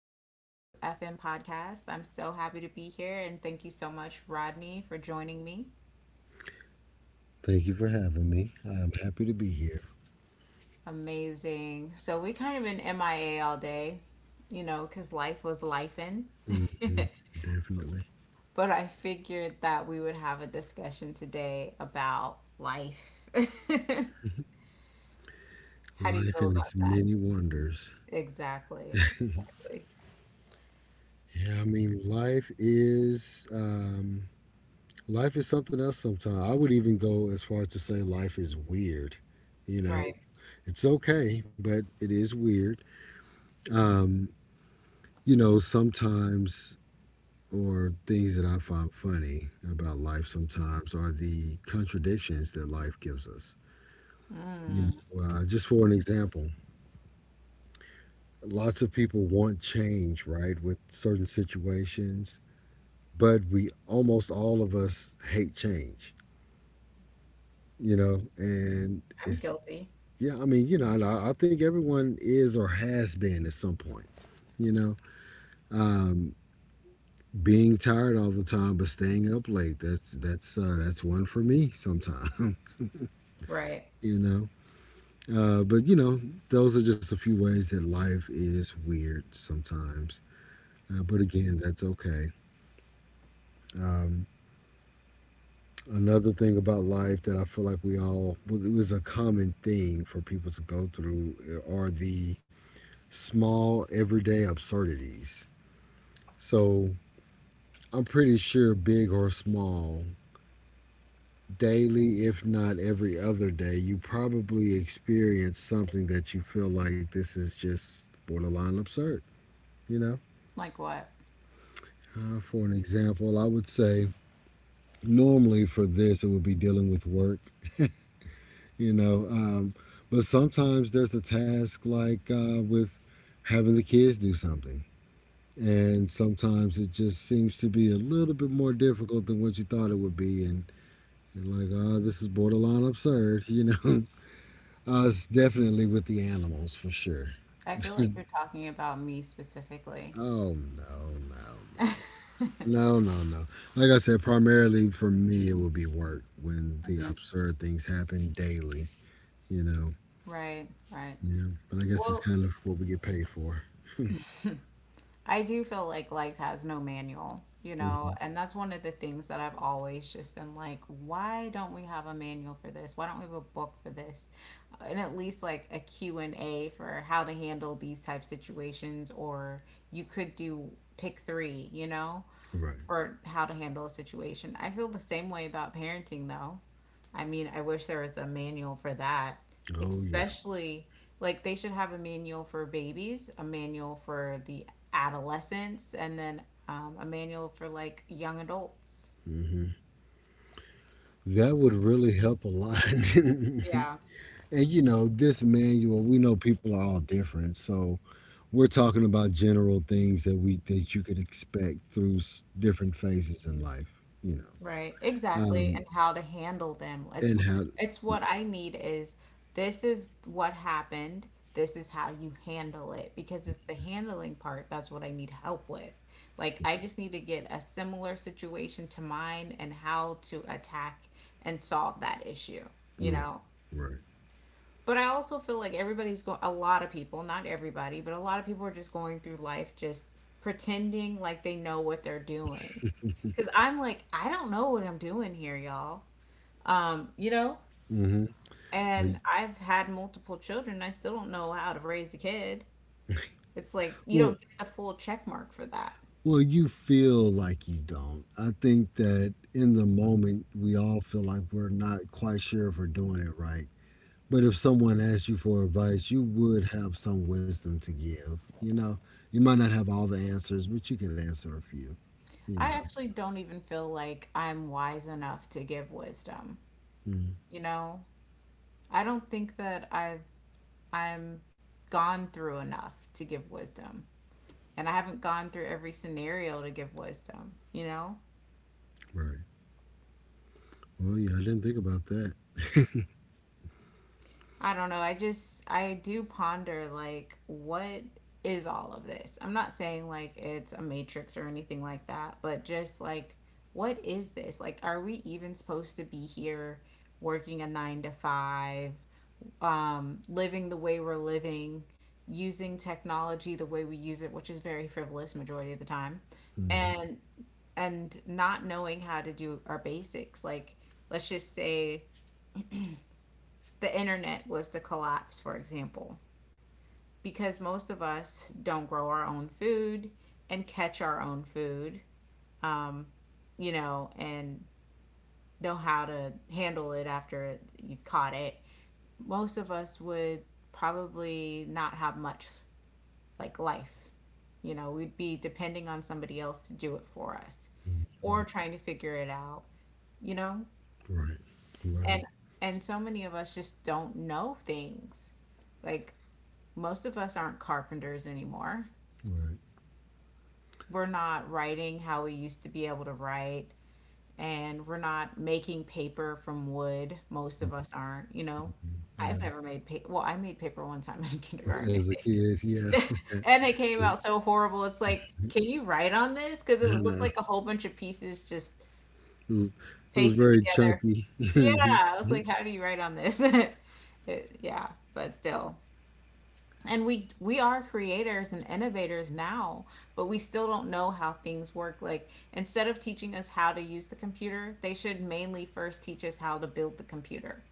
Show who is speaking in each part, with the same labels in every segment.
Speaker 1: WFM podcast. I'm so happy to be here, and thank you so much, Rodney, for joining me.
Speaker 2: Thank you for having me. I'm happy to be here.
Speaker 1: Amazing. So, we kind of been MIA all day, you know, because life was lifing.
Speaker 2: Definitely.
Speaker 1: But I figured that we would have a discussion today about life. How do you
Speaker 2: Life
Speaker 1: feel
Speaker 2: and its
Speaker 1: about that?
Speaker 2: many wonders.
Speaker 1: Exactly. Exactly.
Speaker 2: Yeah, I mean, life is life is something else. Sometimes I would even go as far as to say life is weird. You know,
Speaker 1: Right.
Speaker 2: it's okay, but it is weird. Um, you know, sometimes or things that I find funny about life sometimes are the contradictions that life gives us. You
Speaker 1: Mm.
Speaker 2: know, just for an example, lots of people want change, right, with certain situations, but we almost all of us hate change, you know, and
Speaker 1: I'm guilty.
Speaker 2: yeah, I mean, you know, and I think everyone is or has been at some point, you know, um, being tired all the time, but staying up late. That's one for me sometimes,
Speaker 1: Right.
Speaker 2: you know. But you know, those are just a few ways that life is weird sometimes. But again, that's okay. Um, Another thing about life that I feel like we all, well, it was a common thing for people to go through are the small everyday absurdities. So I'm pretty sure, big or small, daily, if not every other day, you probably experience something that you feel like this is just borderline absurd, you know?
Speaker 1: Like what?
Speaker 2: For an example, I would say normally for this, it would be dealing with work you know. But sometimes there's a task like with having the kids do something. And sometimes it just seems to be a little bit more difficult than what you thought it would be. And you're like, oh, this is borderline absurd, you know. It's definitely with the animals for sure.
Speaker 1: I feel like you're talking about me specifically.
Speaker 2: Oh, no. No. Like I said, primarily for me, it would be work when the
Speaker 1: Mhm.
Speaker 2: absurd things happen daily, you know.
Speaker 1: Right, right.
Speaker 2: Yeah, but I guess it's
Speaker 1: Well,
Speaker 2: kind of what we get paid for.
Speaker 1: I do feel like life has no manual, you know,
Speaker 2: Hmm.
Speaker 1: and that's one of the things that I've always just been like, why don't we have a manual for this? Why don't we have a book for this? And at least like a Q&A for how to handle these type situations, or you could do pick three, you know?
Speaker 2: Right.
Speaker 1: Or how to handle a situation. I feel the same way about parenting, though. I mean, I wish there was a manual for that,
Speaker 2: Oh yeah.
Speaker 1: especially like they should have a manual for babies, a manual for the adolescents, and then a manual for like young adults.
Speaker 2: Hmm. That would really help a lot. And
Speaker 1: Yeah.
Speaker 2: you know, this manual, we know people are all different, so we're talking about general things that you could expect through s- different phases in life. You know,
Speaker 1: Right, exactly, and how to handle them. It's
Speaker 2: and how.
Speaker 1: what I need is this is what happened. This is how you handle it, because it's the handling part that's what I need help with. Like I just need to get a similar situation to mine and how to attack and solve that issue, you
Speaker 2: Right.
Speaker 1: know.
Speaker 2: Right.
Speaker 1: But I also feel like everybody's going, a lot of people, not everybody, but a lot of people are just going through life just pretending like they know what they're doing. Because I'm like, I don't know what I'm doing here, y'all. You know?
Speaker 2: Hmm.
Speaker 1: And I've had multiple children, and I still don't know how to raise a kid. It's like, you
Speaker 2: Well,
Speaker 1: don't get the full check mark for that.
Speaker 2: you feel like you don't. I think that in the moment, we all feel like we're not quite sure if we're doing it right. But if someone asked you for advice, you would have some wisdom to give. You know, you might not have all the answers, but you could answer a few. You
Speaker 1: I
Speaker 2: know.
Speaker 1: actually don't even feel like I'm wise enough to give wisdom.
Speaker 2: Mm.
Speaker 1: You know, I don't think that I'm gone through enough to give wisdom, and I haven't gone through every scenario to give wisdom, you know?
Speaker 2: Right. Well, yeah, I didn't think about that.
Speaker 1: I don't know. I do ponder, like, what is all of this? I'm not saying, like, it's a matrix or anything like that, but just, like, what is this? Like, are we even supposed to be here working a nine to five, living the way we're living, using technology the way we use it, which is very frivolous majority of the time?
Speaker 2: Mhm.
Speaker 1: And not knowing how to do our basics. Like, let's just say the internet was to collapse, for example, because most of us don't grow our own food and catch our own food, um, you know, and know how to handle it after you've caught it. Most of us would probably not have much like life. You know, we'd be depending on somebody else to do it for us or
Speaker 2: Mm.
Speaker 1: trying to figure it out, you know?
Speaker 2: Right. Right.
Speaker 1: And so many of us just don't know things. Like most of us aren't carpenters anymore.
Speaker 2: Right.
Speaker 1: We're not writing how we used to be able to write, and we're not making paper from wood. Most of us aren't, you know.
Speaker 2: Mm. Yeah.
Speaker 1: I've never made paper. Well, I made paper one time in
Speaker 2: Mhm.
Speaker 1: kindergarten,
Speaker 2: As
Speaker 1: I
Speaker 2: a
Speaker 1: think.
Speaker 2: kid, yeah.
Speaker 1: And it came out so horrible. It's like, can you write on this? Because it
Speaker 2: I
Speaker 1: would look
Speaker 2: know
Speaker 1: like a whole bunch of pieces just
Speaker 2: it was it was
Speaker 1: pasted
Speaker 2: very
Speaker 1: together.
Speaker 2: chunky.
Speaker 1: Yeah,
Speaker 2: Mhm.
Speaker 1: I was like, how do you write on this? It, yeah, but still, and we are creators and innovators now, but we still don't know how things work. Like instead of teaching us how to use the computer, they should mainly first teach us how to build the computer,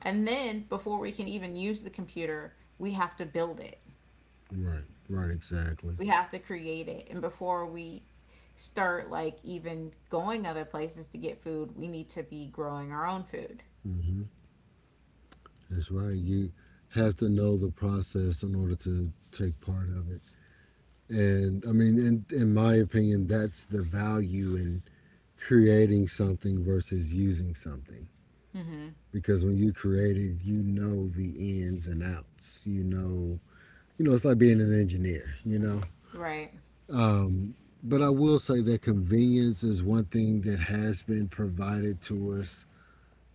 Speaker 1: and then before we can even use the computer, we have to build it,
Speaker 2: Right. Right. Exactly.
Speaker 1: we have to create it. And before we start like even going other places to get food, we need to be growing our own food.
Speaker 2: Mhm. That's right. You have to know the process in order to take part of it. And I mean, in my opinion, that's the value in creating something versus using something.
Speaker 1: Hmm.
Speaker 2: Because when you create it, you know the ins and outs. You know, it's like being an engineer, you know.
Speaker 1: Right.
Speaker 2: Um, but I will say that convenience is one thing that has been provided to us,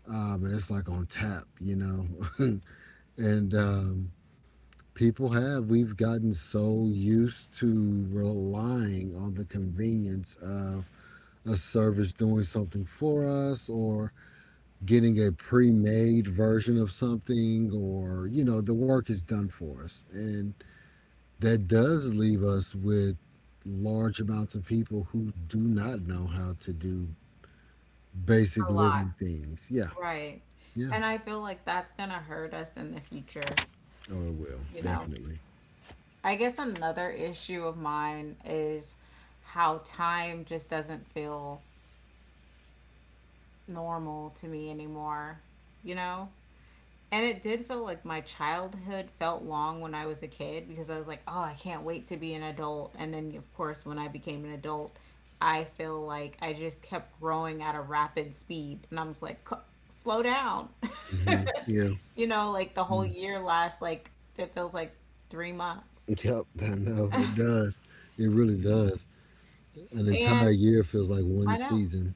Speaker 2: and it's like on tap, you know. and people have, we've gotten so used to relying on the convenience of a service doing something for us or getting a pre-made version of something, or you know the work is done for us, and that does leave us with large amounts of people who do not know how to do basic
Speaker 1: A lot.
Speaker 2: living things. Yeah.
Speaker 1: Right.
Speaker 2: Yeah.
Speaker 1: And I feel like that's going to hurt us in the future,
Speaker 2: Oh, it will
Speaker 1: you know.
Speaker 2: definitely.
Speaker 1: I guess another issue of mine is how time just doesn't feel normal to me anymore, you know? And it did feel like my childhood felt long when I was a kid because I was like, oh, I can't wait to be an adult. And then, of course, when I became an adult, I feel like I just kept growing at a rapid speed. And I was like, "Slow down."
Speaker 2: Hmm. Yeah.
Speaker 1: You know, like the whole
Speaker 2: Mm.
Speaker 1: year lasts like, it feels like 3 months.
Speaker 2: Yep, I know it does. It really does. An
Speaker 1: And
Speaker 2: entire year feels like one
Speaker 1: I know.
Speaker 2: season.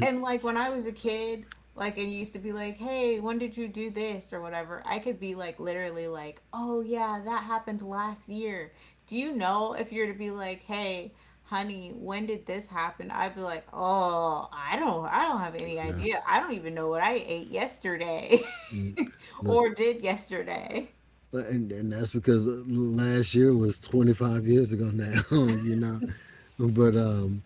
Speaker 1: And like when I was a kid, like it used to be like, hey, when did you do this or whatever? I could be like literally like, oh yeah, that happened last year. Do you know if you're to be like, hey, honey, when did this happen? I'd be like, oh, I don't have any
Speaker 2: Yeah.
Speaker 1: idea. I don't even know what I ate yesterday
Speaker 2: Mm. Look,
Speaker 1: or did yesterday.
Speaker 2: and that's because last year was 25 years ago now. You know, but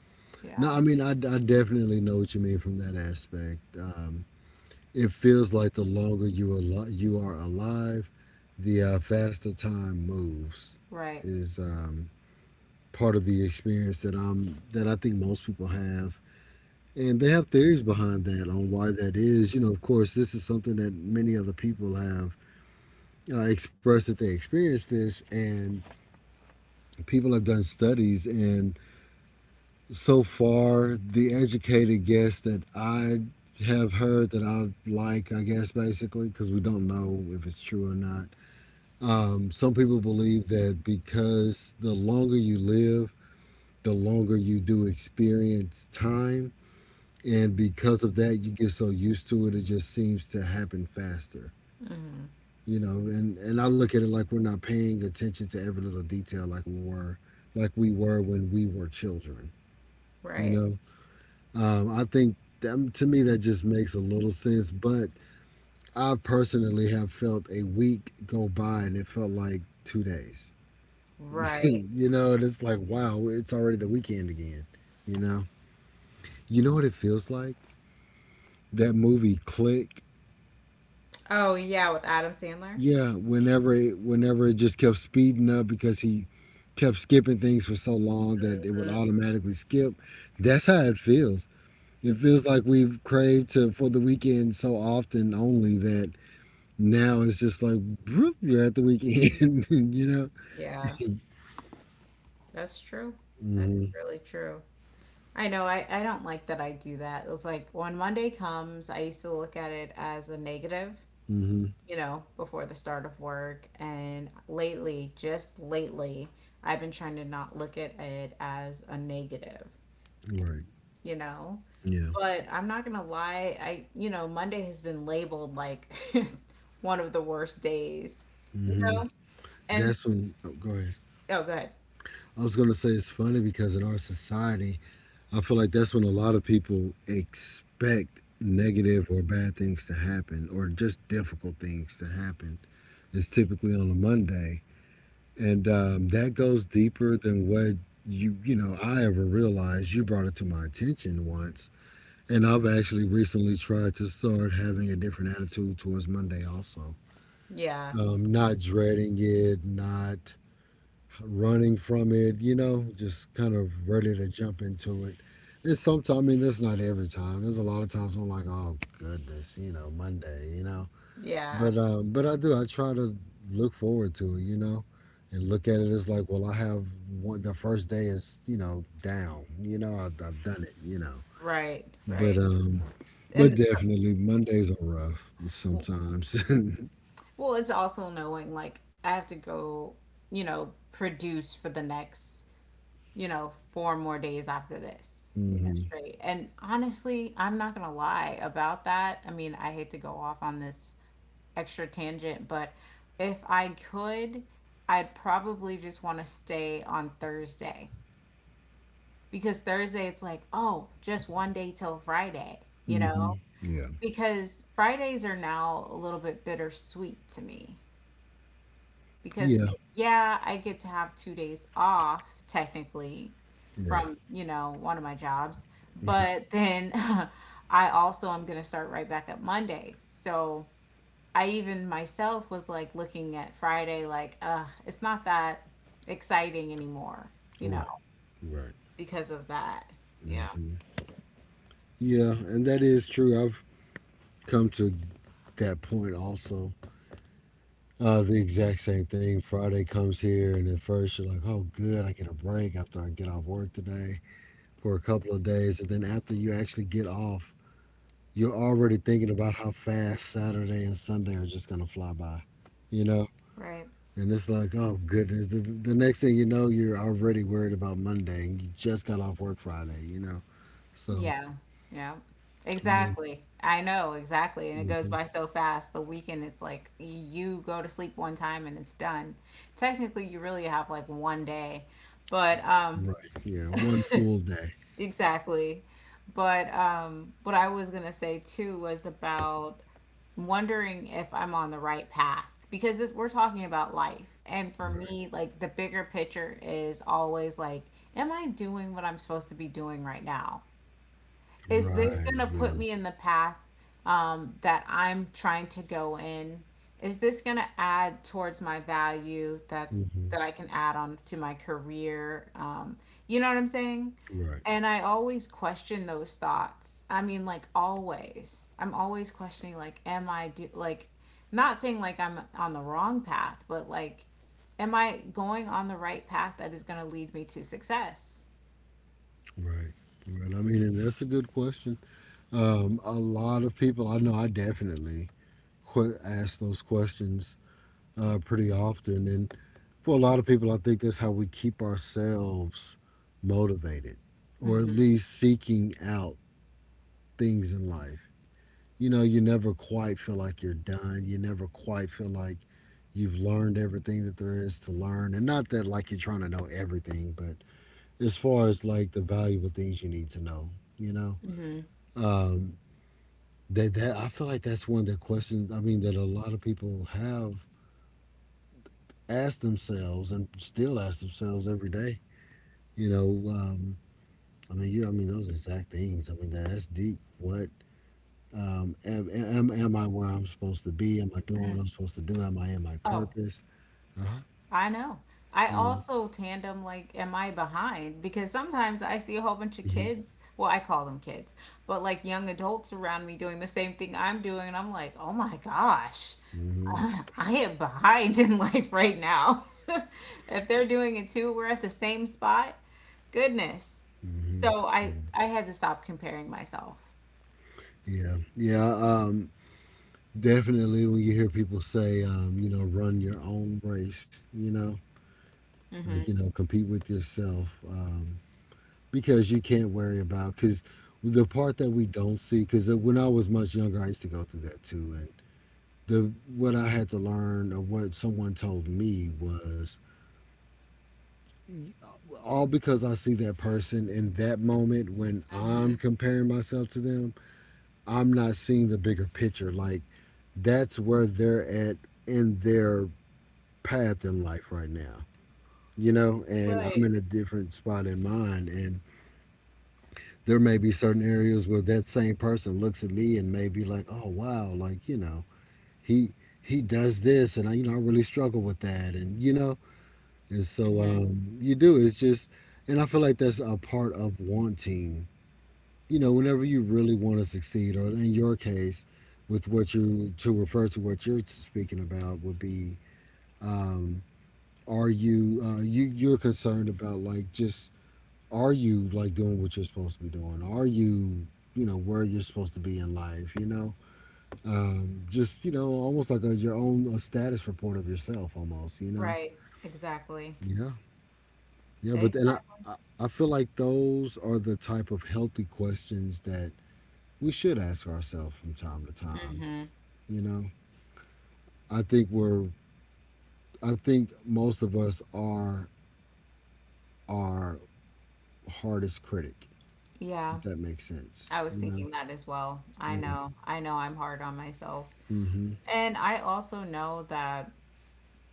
Speaker 2: no,
Speaker 1: Yeah.
Speaker 2: I mean, I definitely know what you mean from that aspect. It feels like the longer you are you are alive, the faster time moves
Speaker 1: Right.
Speaker 2: is part of the experience that I think most people have, and they have theories behind that on why that is, you know. Of course, this is something that many other people have expressed that they experienced this. And people have done studies, and so far, the educated guess that I have heard that I like, I guess, basically, because we don't know if it's true or not. Some people believe that because the longer you live, the longer you do experience time. And because of that, you get so used to it, it just seems to happen faster.
Speaker 1: Hmm.
Speaker 2: You know, and I look at it like we're not paying attention to every little detail like like we were when we were children. You
Speaker 1: Right.
Speaker 2: know, I think that, to me that just makes a little sense. But I personally have felt a week go by and it felt like 2 days.
Speaker 1: Right.
Speaker 2: You know, and it's like, wow, it's already the weekend again. You know, you know what it feels like? That movie Click.
Speaker 1: Oh yeah, with Adam Sandler.
Speaker 2: Yeah, whenever it just kept speeding up because he kept skipping things for so long that it would
Speaker 1: Mhm.
Speaker 2: automatically skip. That's how it feels. It feels like we've craved to for the weekend so often only that now it's just like whoop, you're at the weekend. You know.
Speaker 1: Yeah,
Speaker 2: mm
Speaker 1: that's true. That is
Speaker 2: hmm
Speaker 1: really true. I know. I don't like that I do that. It's like when Monday comes, I used to look at it as a negative,
Speaker 2: mm
Speaker 1: you know, before the start of work. And lately, just lately, I've been trying to not look at it as a negative,
Speaker 2: hmm Right.
Speaker 1: you know?
Speaker 2: Yeah.
Speaker 1: But I'm not gonna lie, I, you know, Monday has been labeled like one of the worst days,
Speaker 2: mm
Speaker 1: you
Speaker 2: hmm
Speaker 1: know? And
Speaker 2: That's when. Oh, go ahead.
Speaker 1: oh, go ahead.
Speaker 2: I was gonna say it's funny because in our society, I feel like that's when a lot of people expect negative or bad things to happen, or just difficult things to happen. It's typically on a Monday, and that goes deeper than what you know I ever realized. You brought it to my attention once. And I've actually recently tried to start having a different attitude towards Monday also.
Speaker 1: Yeah,
Speaker 2: Not dreading it, not running from it, you know, just kind of ready to jump into it. And sometimes, I mean, that's not every time. There's a lot of times I'm like, oh goodness, you know, Monday, you know.
Speaker 1: yeah,
Speaker 2: But but I do. I try to look forward to it, you know, and look at it as like, well, I have one. The first day is, you know, down. You know, I've done it, you know.
Speaker 1: right, right.
Speaker 2: But but
Speaker 1: And
Speaker 2: definitely, Mondays are rough
Speaker 1: so
Speaker 2: sometimes.
Speaker 1: Well, it's also knowing like I have to go, you know, produce for the next, you know, four more days after this, you know,
Speaker 2: Hmm.
Speaker 1: straight. And honestly, I'm not gonna lie about that. I mean, I hate to go off on this extra tangent, but if I could, I'd probably just want to stay on Thursday because Thursday it's like, oh, just one day till Friday, you know?
Speaker 2: Hmm. Yeah.
Speaker 1: Because Fridays are now a little bit bittersweet to me because
Speaker 2: Yeah.
Speaker 1: yeah, I get to have 2 days off technically
Speaker 2: Right.
Speaker 1: from, you know, one of my jobs, but then I also am going to start right back up Monday. So I even myself was like looking at Friday like, it's not that exciting anymore, you know,
Speaker 2: Right. Right.
Speaker 1: because of that. Yeah.
Speaker 2: Hmm. Yeah, and that is true. I've come to that point also. The exact same thing. Friday comes here, and at first you're like, "Oh, good, I get a break after I get off work today for a couple of days," and then after you actually get off, you're already thinking about how fast Saturday and Sunday are just gonna fly by. You know.
Speaker 1: Right.
Speaker 2: And it's like, oh goodness. The next thing you know, you're already worried about Monday, and you just got off work Friday. You know, so
Speaker 1: Yeah. Yeah.
Speaker 2: I mean,
Speaker 1: Exactly. I know, exactly. And it goes
Speaker 2: hmm,
Speaker 1: by so fast. The weekend, it's like you go to sleep one time and it's done. Technically, you really have like one day. But
Speaker 2: right? Yeah, one full day.
Speaker 1: exactly. But what I was gonna say too was about wondering if I'm on the right path, because this, we're talking about life. And for
Speaker 2: Right.
Speaker 1: me, like the bigger picture is always like, am I doing what I'm supposed to be doing right now? Is this
Speaker 2: Right.
Speaker 1: going to
Speaker 2: Yeah.
Speaker 1: put me in the path that I'm trying to go in? Is this going to add towards my value
Speaker 2: Hmm.
Speaker 1: that I can add on to my career? You know what I'm saying?
Speaker 2: Right.
Speaker 1: And I always question those thoughts. I mean, like always. I'm always questioning like am I do like not saying like I'm on the wrong path, but like am I going on the right path that is going to lead me to success?
Speaker 2: Right. Right. I mean, and that's a good question. A lot of people I know, I definitely que- ask those questions pretty often, and for a lot of people, I think that's how we keep ourselves motivated, or at
Speaker 1: Mhm.
Speaker 2: least seeking out things in life. You know, you never quite feel like you're done. You never quite feel like you've learned everything that there is to learn. And not that like you're trying to know everything, but as far as like the valuable things you need to know, you know,
Speaker 1: Mhm.
Speaker 2: um, that I feel like that's one of the questions, I mean, that a lot of people have asked themselves and still ask themselves every day, you know, I mean, I mean, those exact things. I mean, that's deep. What am I where I'm supposed to be? Am I doing what I'm supposed to do? Am I in my purpose? Uh-huh.
Speaker 1: I know. I
Speaker 2: Yeah.
Speaker 1: also tandem like, am I behind? Because sometimes I see a whole bunch of
Speaker 2: Mhm.
Speaker 1: kids. Well, I call them kids, but like young adults around me doing the same thing I'm doing. And I'm like, oh my gosh,
Speaker 2: Mhm.
Speaker 1: I am behind in life right now. If they're doing it too, we're at the same spot. Goodness.
Speaker 2: Mhm.
Speaker 1: So I had to stop comparing myself.
Speaker 2: Yeah. Yeah. Definitely when you hear people say, you know, run your own race, you know, like,
Speaker 1: Mm-hmm.
Speaker 2: you know, compete with yourself because you can't worry about, because the part that we don't see, because when I was much younger, I used to go through that too. And the what I had to learn or what someone told me was all because I see that person in that moment when
Speaker 1: Mm-hmm.
Speaker 2: I'm comparing myself to them, I'm not seeing the bigger picture. Like that's where they're at in their path in life right now, you know, and I'm
Speaker 1: Right.
Speaker 2: in a different spot in mine. And there may be certain areas where that same person looks at me and may be like, oh, wow, like, you know, he. he does this, and I, you know, I really struggle with that, and you know, and so
Speaker 1: Mm-hmm.
Speaker 2: you do. It's just, and I feel like that's a part of wanting whenever you really want to succeed, or in your case, with what you to refer to what you're speaking about would be, um, are you you're concerned about like just are you like doing what you're supposed to be doing? Are you you know where you're supposed to be in life? Just almost like a, your own a status report of yourself, almost. You know,
Speaker 1: Right. Exactly.
Speaker 2: yeah, yeah. But and I
Speaker 1: Exactly.
Speaker 2: I feel like those are the type of healthy questions that we should ask ourselves from time to time.
Speaker 1: Mm-hmm.
Speaker 2: You know, I think we're I think most of us are our hardest critic,
Speaker 1: Yeah.
Speaker 2: if that makes sense.
Speaker 1: I was
Speaker 2: You know,
Speaker 1: thinking that as well. I
Speaker 2: yeah.
Speaker 1: know. I know I'm hard on myself.
Speaker 2: Mm-hmm.
Speaker 1: And I also know that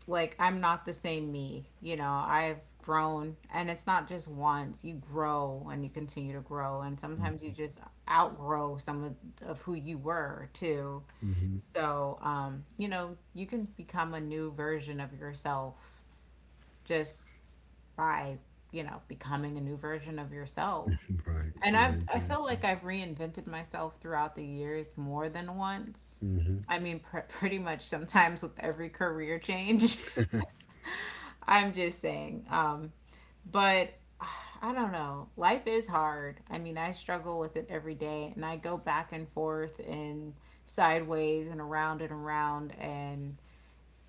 Speaker 1: like I'm not the same me. You know, I've grown, and it's not just once. You grow and you continue to grow, and sometimes you just outgrow some of who you were too.
Speaker 2: Mm-hmm.
Speaker 1: So, you know, you can become a new version of yourself just by, you know, becoming a new version of yourself.
Speaker 2: Right.
Speaker 1: And I've
Speaker 2: Right.
Speaker 1: I feel
Speaker 2: Exactly.
Speaker 1: like I've reinvented myself throughout the years more than once.
Speaker 2: Mm-hmm.
Speaker 1: I mean, pretty much sometimes with every career change. I'm just saying. But I don't know. Life is hard. I mean, I struggle with it every day, and I go back and forth and sideways and around and around. And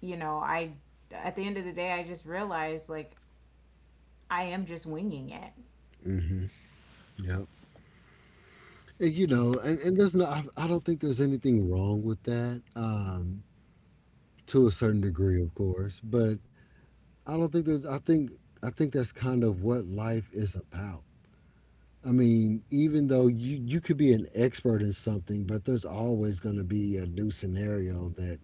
Speaker 1: you know, I at the end of the day, I just realize like I am just winging it.
Speaker 2: Mm-hmm. Yep. And, you know, and there's no, I don't think there's anything wrong with that. To a certain degree, of course, but I don't think there's. I think that's kind of what life is about. I mean, even though you could be an expert in something, but there's always going to be a new scenario that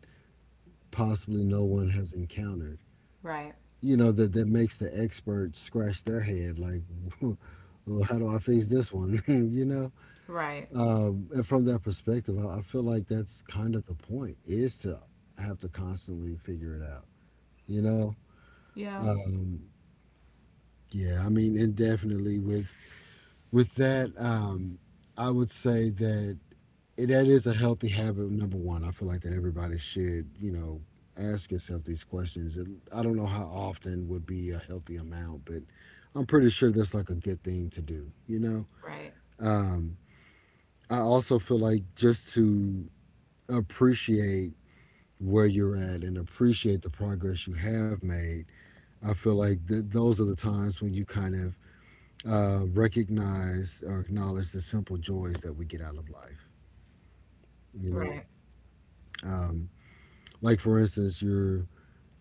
Speaker 2: possibly no one has encountered.
Speaker 1: Right.
Speaker 2: You know that makes the expert scratch their head, like, well, how do I face this one?
Speaker 1: Right.
Speaker 2: And from that perspective, I feel like that's kind of the point is to have to constantly figure it out. You know,
Speaker 1: Yeah.
Speaker 2: um, yeah. I mean, and definitely with with that, um, I would say that that is a healthy habit number one. I feel like that everybody should, you know, ask yourself these questions. And I don't know how often would be a healthy amount, but I'm pretty sure that's like a good thing to do, you know.
Speaker 1: Right.
Speaker 2: um, I also feel like just to appreciate where you're at and appreciate the progress you have made. I feel like those are the times when you kind of recognize or acknowledge the simple joys that we get out of life, you know.
Speaker 1: Right.
Speaker 2: um, like for instance you're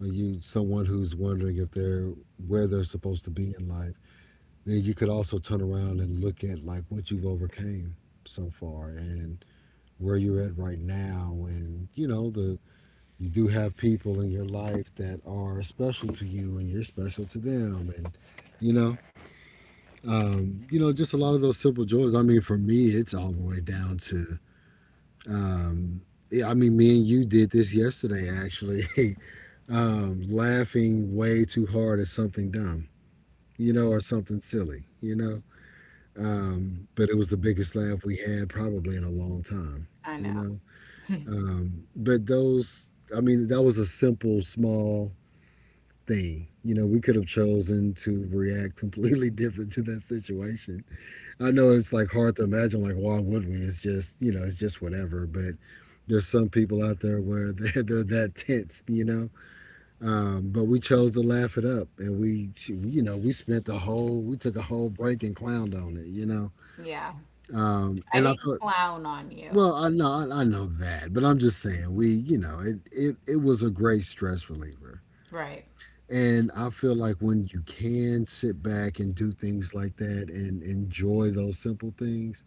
Speaker 2: or you someone who's wondering if they're where they're supposed to be in life, then you could also turn around and look at like what you've overcame so far, and where you're at right now. And you know, the you do have people in your life that are special to you and you're special to them. And you know, you know, just a lot of those simple joys. I mean, for me it's all the way down to um, yeah, I mean, me and you did this yesterday actually. Laughing way too hard at something dumb, you know, or something silly, you know. But it was the biggest laugh we had probably in a long time,
Speaker 1: I
Speaker 2: you
Speaker 1: know.
Speaker 2: know. But those, I mean, that was a simple, small thing. You know, we could have chosen to react completely different to that situation. I know it's like hard to imagine, like, why would we? It's just, you know, it's just whatever. But there's some people out there where they're, they're that tense, you know. But we chose to laugh it up, and we, you know, we we took a whole break and clowned on it, you know.
Speaker 1: Yeah. I
Speaker 2: And I
Speaker 1: didn't
Speaker 2: thought,
Speaker 1: clown on
Speaker 2: well,
Speaker 1: you.
Speaker 2: I know, I know that, but I'm just saying, we, you know, it was a great stress reliever.
Speaker 1: Right.
Speaker 2: And I feel like when you can sit back and do things like that and enjoy those simple things,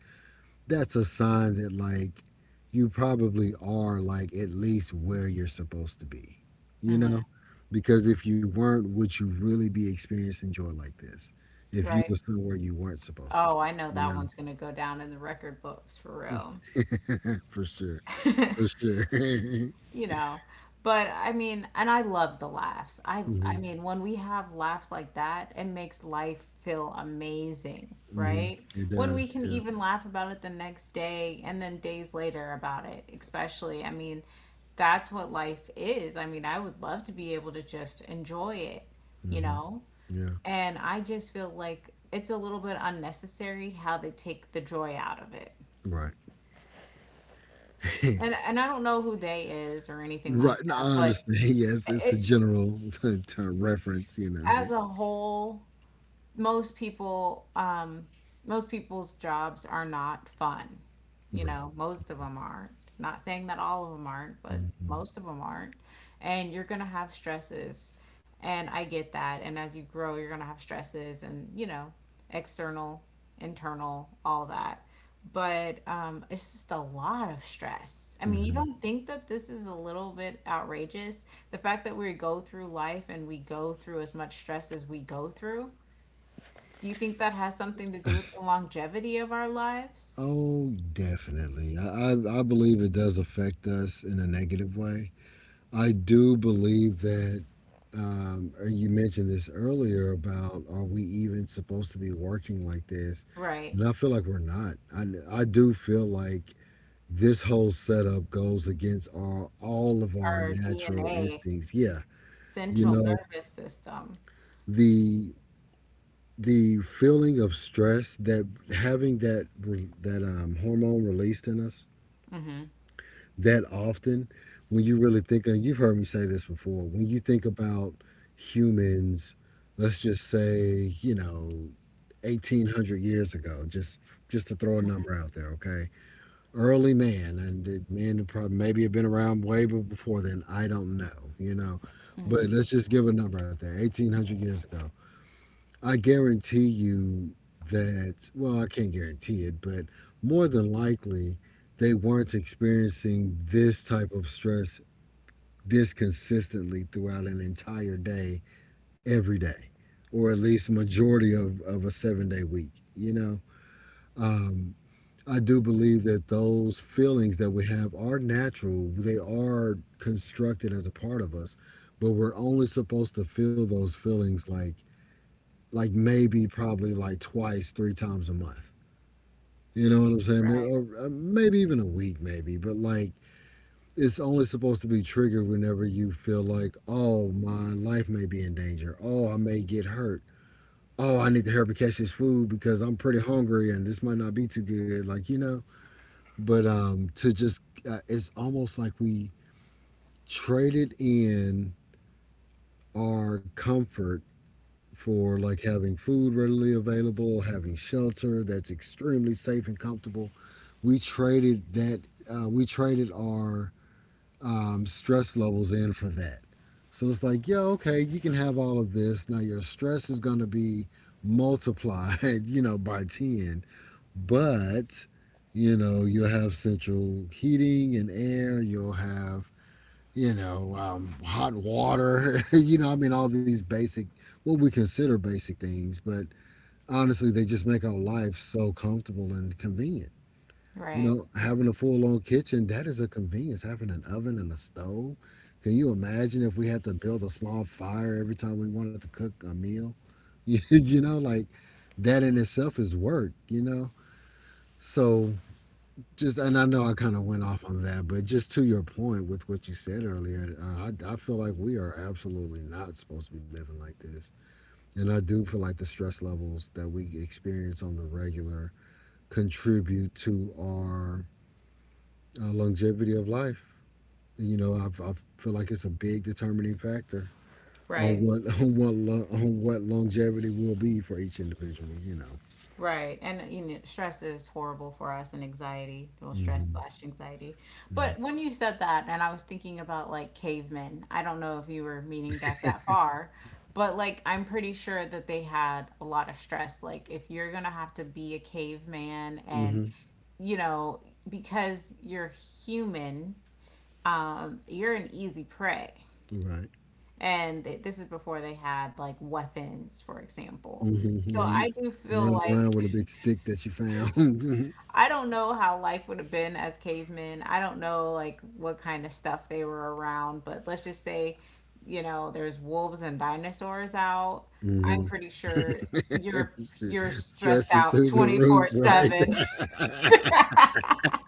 Speaker 2: that's a sign that like you probably are like at least where you're supposed to be, you
Speaker 1: Hmm.
Speaker 2: know. Because if you weren't, would you really be experiencing joy like this if you
Speaker 1: Right.
Speaker 2: were somewhere you weren't supposed to be?
Speaker 1: Oh, I know that
Speaker 2: You
Speaker 1: one's going to go down in the record books for real.
Speaker 2: know. For sure, for sure.
Speaker 1: You know, but I mean, and I love the laughs. I
Speaker 2: Hmm.
Speaker 1: mean, when we have laughs like that, it makes life feel amazing,
Speaker 2: Hmm.
Speaker 1: right?
Speaker 2: It
Speaker 1: When
Speaker 2: does,
Speaker 1: we can
Speaker 2: yeah.
Speaker 1: even laugh about it the next day and then days later about it, especially. I mean, that's what life is. I mean, I would love to be able to just enjoy it, you
Speaker 2: Hmm.
Speaker 1: know?
Speaker 2: Yeah.
Speaker 1: And I just feel like it's a little bit unnecessary how they take the joy out of it.
Speaker 2: Right.
Speaker 1: And and I don't know who they is or anything like
Speaker 2: Right, no, I
Speaker 1: that, but
Speaker 2: understand, yes, it's a
Speaker 1: it's
Speaker 2: general reference, you know.
Speaker 1: as a whole most people most people's jobs are not fun. You
Speaker 2: Right.
Speaker 1: know, most of them aren't. Not saying that all of them aren't, but
Speaker 2: Hmm.
Speaker 1: most of them aren't. And you're going to have stresses. And I get that. And as you grow, you're going to have stresses and, you know, external, internal, all that. But it's just a lot of stress. I mean, you
Speaker 2: Hmm.
Speaker 1: don't think that this is a little bit outrageous? The fact that we go through life and we go through as much stress as we go through, do you think that has something to do with the longevity of our lives?
Speaker 2: Oh, definitely. I believe it does affect us in a negative way. I do believe that, and you mentioned this earlier about are we even supposed to be working like this?
Speaker 1: Right.
Speaker 2: And I feel like we're not. I do feel like this whole setup goes against our all of our
Speaker 1: Our
Speaker 2: natural
Speaker 1: DNA,
Speaker 2: instincts. Yeah, you
Speaker 1: central
Speaker 2: know,
Speaker 1: nervous system.
Speaker 2: the the feeling of stress that having that that hormone released in us
Speaker 1: Hmm.
Speaker 2: that often. When you really think of, you've heard me say this before, when you think about humans, let's just say, you know, 1800 years ago, just to throw a number out there, okay? Early man and the man who probably maybe have been around way before then, I don't know, you know. But
Speaker 1: Hmm.
Speaker 2: let's just give a number out there, 1800 years ago. I guarantee you that, well, I can't guarantee it, but more than likely, they weren't experiencing this type of stress this consistently throughout an entire day, every day, or at least majority of a seven-day week. You know, um, I do believe that those feelings that we have are natural, they are constructed as a part of us, but we're only supposed to feel those feelings like maybe probably like twice, three times a month. You know what I'm saying? Maybe,
Speaker 1: Right.
Speaker 2: or maybe even a week, maybe. But like, it's only supposed to be triggered whenever you feel like, oh, my life may be in danger. Oh, I may get hurt. Oh, I need to hurry up and catch this food because I'm pretty hungry and this might not be too good. Like, you know. But to just, it's almost like we traded in our comfort for like having food readily available, having shelter that's extremely safe and comfortable. We traded that. We traded our stress levels in for that. So it's like, yeah, okay, you can have all of this. Now your stress is going to be multiplied, you know, by 10, but you know, you'll have central heating and air, you'll have, you know, hot water, you know, I mean, all these basic, what we consider basic things, but honestly, they just make our life so comfortable and convenient. You
Speaker 1: Right.
Speaker 2: know, having a full on kitchen, that is a convenience. Having an oven and a stove. Can you imagine if we had to build a small fire every time we wanted to cook a meal? You know, like that in itself is work, you know? So just, and I know I kind of went off on that, but just to your point with what you said earlier, I feel like we are absolutely not supposed to be living like this. And I do feel like the stress levels that we experience on the regular contribute to our longevity of life. You know, I feel like it's a big determining factor on
Speaker 1: Right.
Speaker 2: what on what on what longevity will be for each individual. You know.
Speaker 1: Right. And you know, stress is horrible for us and anxiety, well, stress
Speaker 2: Hmm.
Speaker 1: slash anxiety. But when you said that, and I was thinking about like cavemen, I don't know if you were meaning back that far, but like I'm pretty sure that they had a lot of stress. Like if you're gonna have to be a caveman
Speaker 2: Yeah.
Speaker 1: and
Speaker 2: Hmm.
Speaker 1: you know, because you're human, you're an easy prey.
Speaker 2: Right.
Speaker 1: And this is before they had like weapons, for example.
Speaker 2: Hmm.
Speaker 1: So
Speaker 2: Yeah. You,
Speaker 1: I do
Speaker 2: you're
Speaker 1: feel
Speaker 2: running around
Speaker 1: like
Speaker 2: with a big stick that you found.
Speaker 1: I don't know how life would have been as cavemen. I don't know like what kind of stuff they were around, but let's just say, you know, there's wolves and dinosaurs out. I'm
Speaker 2: Hmm.
Speaker 1: pretty sure you're you're stressed
Speaker 2: Stress is
Speaker 1: out
Speaker 2: through the roof,
Speaker 1: 24/7.
Speaker 2: right?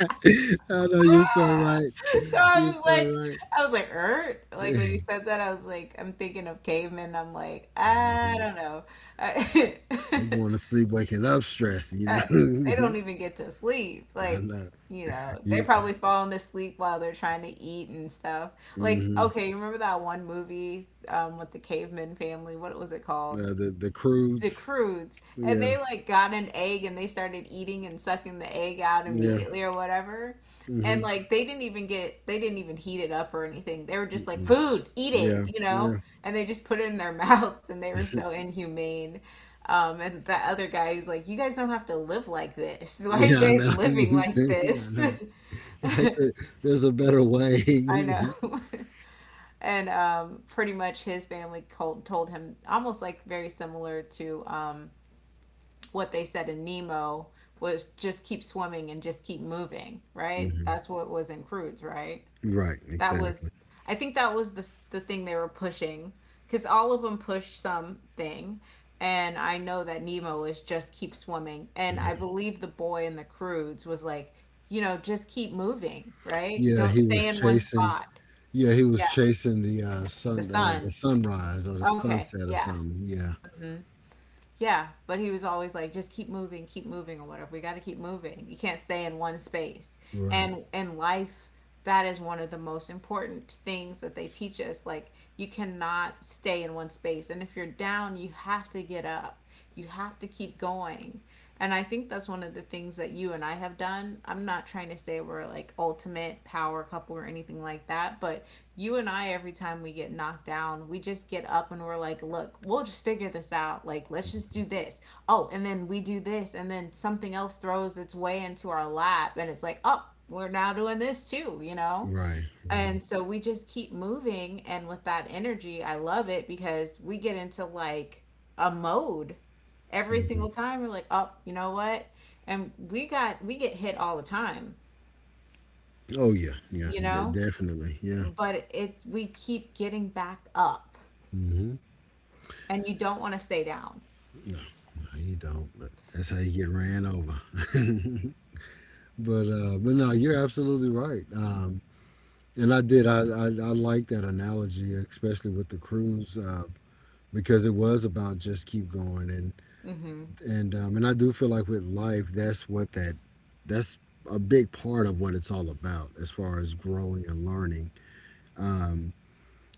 Speaker 2: I know, you're so right.
Speaker 1: So
Speaker 2: You're so right.
Speaker 1: I was like, Ert? Like when you said that, I was like, I'm thinking of cavemen. I'm like, I
Speaker 2: Mhm.
Speaker 1: don't know. I,
Speaker 2: They going to sleep waking up stress, you
Speaker 1: I, they
Speaker 2: know.
Speaker 1: don't even get to sleep.
Speaker 2: Yeah, I
Speaker 1: Like,
Speaker 2: know
Speaker 1: you know, they
Speaker 2: you.
Speaker 1: probably falling asleep while they're trying to eat and stuff. Like,
Speaker 2: Hmm.
Speaker 1: okay, you remember that one movie with the caveman family? What was it called?
Speaker 2: The
Speaker 1: The
Speaker 2: crudes.
Speaker 1: crudes, and
Speaker 2: Yeah,
Speaker 1: they like got an egg and they started eating and sucking the egg out
Speaker 2: yeah.
Speaker 1: immediately or whatever, and
Speaker 2: Hmm.
Speaker 1: like they didn't even get, they didn't even heat it up or anything, they were just like
Speaker 2: Mm.
Speaker 1: food, eat it,
Speaker 2: Yeah,
Speaker 1: you know,
Speaker 2: yeah,
Speaker 1: and they just put it in their mouths, and they were so inhumane. And that other guy who's like, you guys don't have to live like this, why are you
Speaker 2: yeah. I know.
Speaker 1: guys living
Speaker 2: I
Speaker 1: like
Speaker 2: know.
Speaker 1: this.
Speaker 2: It's like there's a better way.
Speaker 1: I know.
Speaker 2: Hmm.
Speaker 1: And pretty much his family told him almost like very similar to what they said in Nemo, was just keep swimming and just keep moving, right? That's what was in Croods, right?
Speaker 2: Right.
Speaker 1: That was,
Speaker 2: Exactly.
Speaker 1: I think that was the thing they were pushing, because all of them pushed something. And I know that Nemo is just keep swimming. And
Speaker 2: Yeah.
Speaker 1: I believe the boy in the Croods was like, you know, just keep moving, right?
Speaker 2: Yeah.
Speaker 1: Don't
Speaker 2: He
Speaker 1: stay
Speaker 2: was
Speaker 1: in one
Speaker 2: chasing.
Speaker 1: spot.
Speaker 2: Yeah, he was
Speaker 1: Yeah,
Speaker 2: chasing the
Speaker 1: the
Speaker 2: sun,
Speaker 1: sun.
Speaker 2: the sunrise or the
Speaker 1: Okay,
Speaker 2: sunset or
Speaker 1: yeah.
Speaker 2: something. Yeah.
Speaker 1: Mm-hmm. Yeah, but he was always like, just keep moving, or whatever. We got to keep moving. You can't stay in one space.
Speaker 2: Right.
Speaker 1: And in life, that is one of the most important things that they teach us. Like, you cannot stay in one space. And if you're down, you have to get up. You have to keep going. And I think that's one of the things that you and I have done. I'm not trying to say we're like ultimate power couple or anything like that, but you and I, every time we get knocked down, we just get up and we're like, look, we'll just figure this out. Like, let's just do this. Oh, and then we do this. And then something else throws its way into our lap. And it's like, oh, we're now doing this too, you know?
Speaker 2: Right. Right.
Speaker 1: And so we just keep moving, and with that energy I love it, because we get into like a mode every
Speaker 2: Hmm.
Speaker 1: single time we're like, oh, you know what, and we get hit all the time,
Speaker 2: Oh yeah. Yeah.
Speaker 1: you know,
Speaker 2: Definitely. Yeah.
Speaker 1: but it's we keep getting back up,
Speaker 2: Mhm.
Speaker 1: and you don't want to stay down.
Speaker 2: No, no, you don't. That's how you get ran over. But but no, you're absolutely right. And I did. I I like that analogy, especially with the cruise, because it was about just keep going. And
Speaker 1: Mm-hmm.
Speaker 2: and I do feel like with life, that's what that's a big part of what it's all about, as far as growing and learning. Um,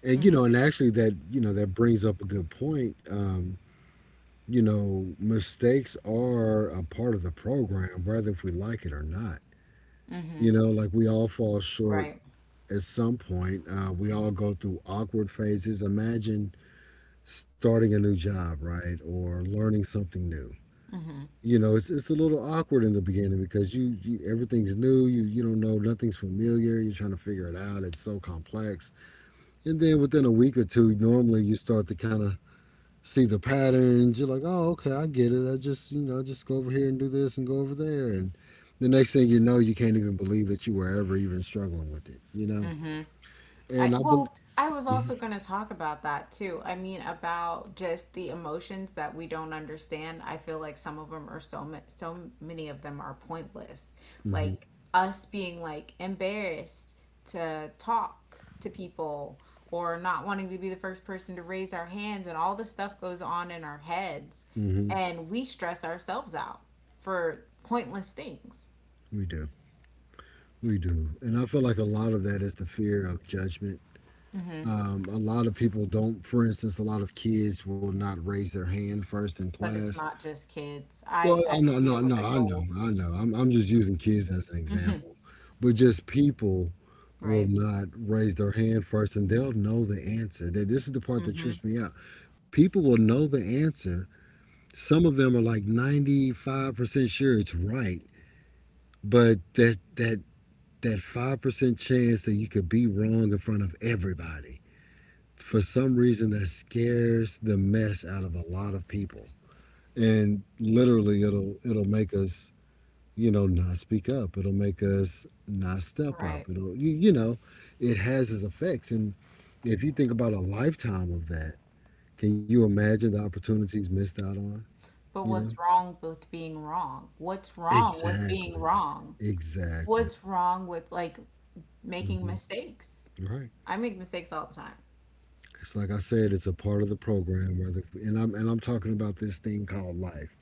Speaker 2: and you
Speaker 1: Mm-hmm.
Speaker 2: know, and actually, that you know that brings up a good point. You know, mistakes are a part of the program, whether if we like it or not.
Speaker 1: Mm-hmm.
Speaker 2: You know, like we all fall short
Speaker 1: Right.
Speaker 2: at some point. We all go through awkward phases. Imagine starting a new job, right, or learning something new.
Speaker 1: Mm-hmm.
Speaker 2: You know, it's a little awkward in the beginning because you everything's new. You don't know, nothing's familiar. You're trying to figure it out. It's so complex. And then within a week or two, normally you start to kind of see the patterns. You're like, oh, okay, I get it. I just, you know, I just go over here and do this and go over there. And the next thing you know, you can't even believe that you were ever even struggling with it, you know?
Speaker 1: Mm-hmm. I
Speaker 2: And I believe,
Speaker 1: well, I was also going to talk about that too. I mean, about just the emotions that we don't understand. I feel like some of them are so ma- so many of them are pointless.
Speaker 2: hmm
Speaker 1: Like us being like embarrassed to talk to people or not wanting to be the first person to raise our hands and all the stuff goes on in our heads
Speaker 2: hmm
Speaker 1: and we stress ourselves out for pointless things.
Speaker 2: we do. We do. And I feel like a lot of that is the fear of judgment.
Speaker 1: Hmm.
Speaker 2: A lot of people don't, for instance, a lot of kids will not raise their hand first in
Speaker 1: But it's
Speaker 2: class.
Speaker 1: not just kids.
Speaker 2: Well,
Speaker 1: I
Speaker 2: I know,
Speaker 1: see it
Speaker 2: no,
Speaker 1: with
Speaker 2: no, I know, I
Speaker 1: adults.
Speaker 2: know. I'm just using kids as an example, but just people will
Speaker 1: Right.
Speaker 2: not raise their hand first and they'll know the answer. That this is the part that
Speaker 1: Hmm.
Speaker 2: trips me out. People will know the answer. Some of them are like 95% sure it's right, but that 5% chance that you could be wrong in front of everybody. For some reason that scares the mess out of a lot of people. And literally it'll make us you know, not speak up. It'll make us not step
Speaker 1: Right.
Speaker 2: up. It'll, it has its effects. And if you think about a lifetime of that, can you imagine the opportunities missed out on?
Speaker 1: But
Speaker 2: You know,
Speaker 1: what's wrong with being wrong? What's wrong with being
Speaker 2: exactly,
Speaker 1: wrong?
Speaker 2: exactly.
Speaker 1: What's wrong with like making
Speaker 2: Hmm.
Speaker 1: mistakes?
Speaker 2: Right.
Speaker 1: I make mistakes all the time.
Speaker 2: It's like I said, it's a part of the program. Whether and I'm talking about this thing called life.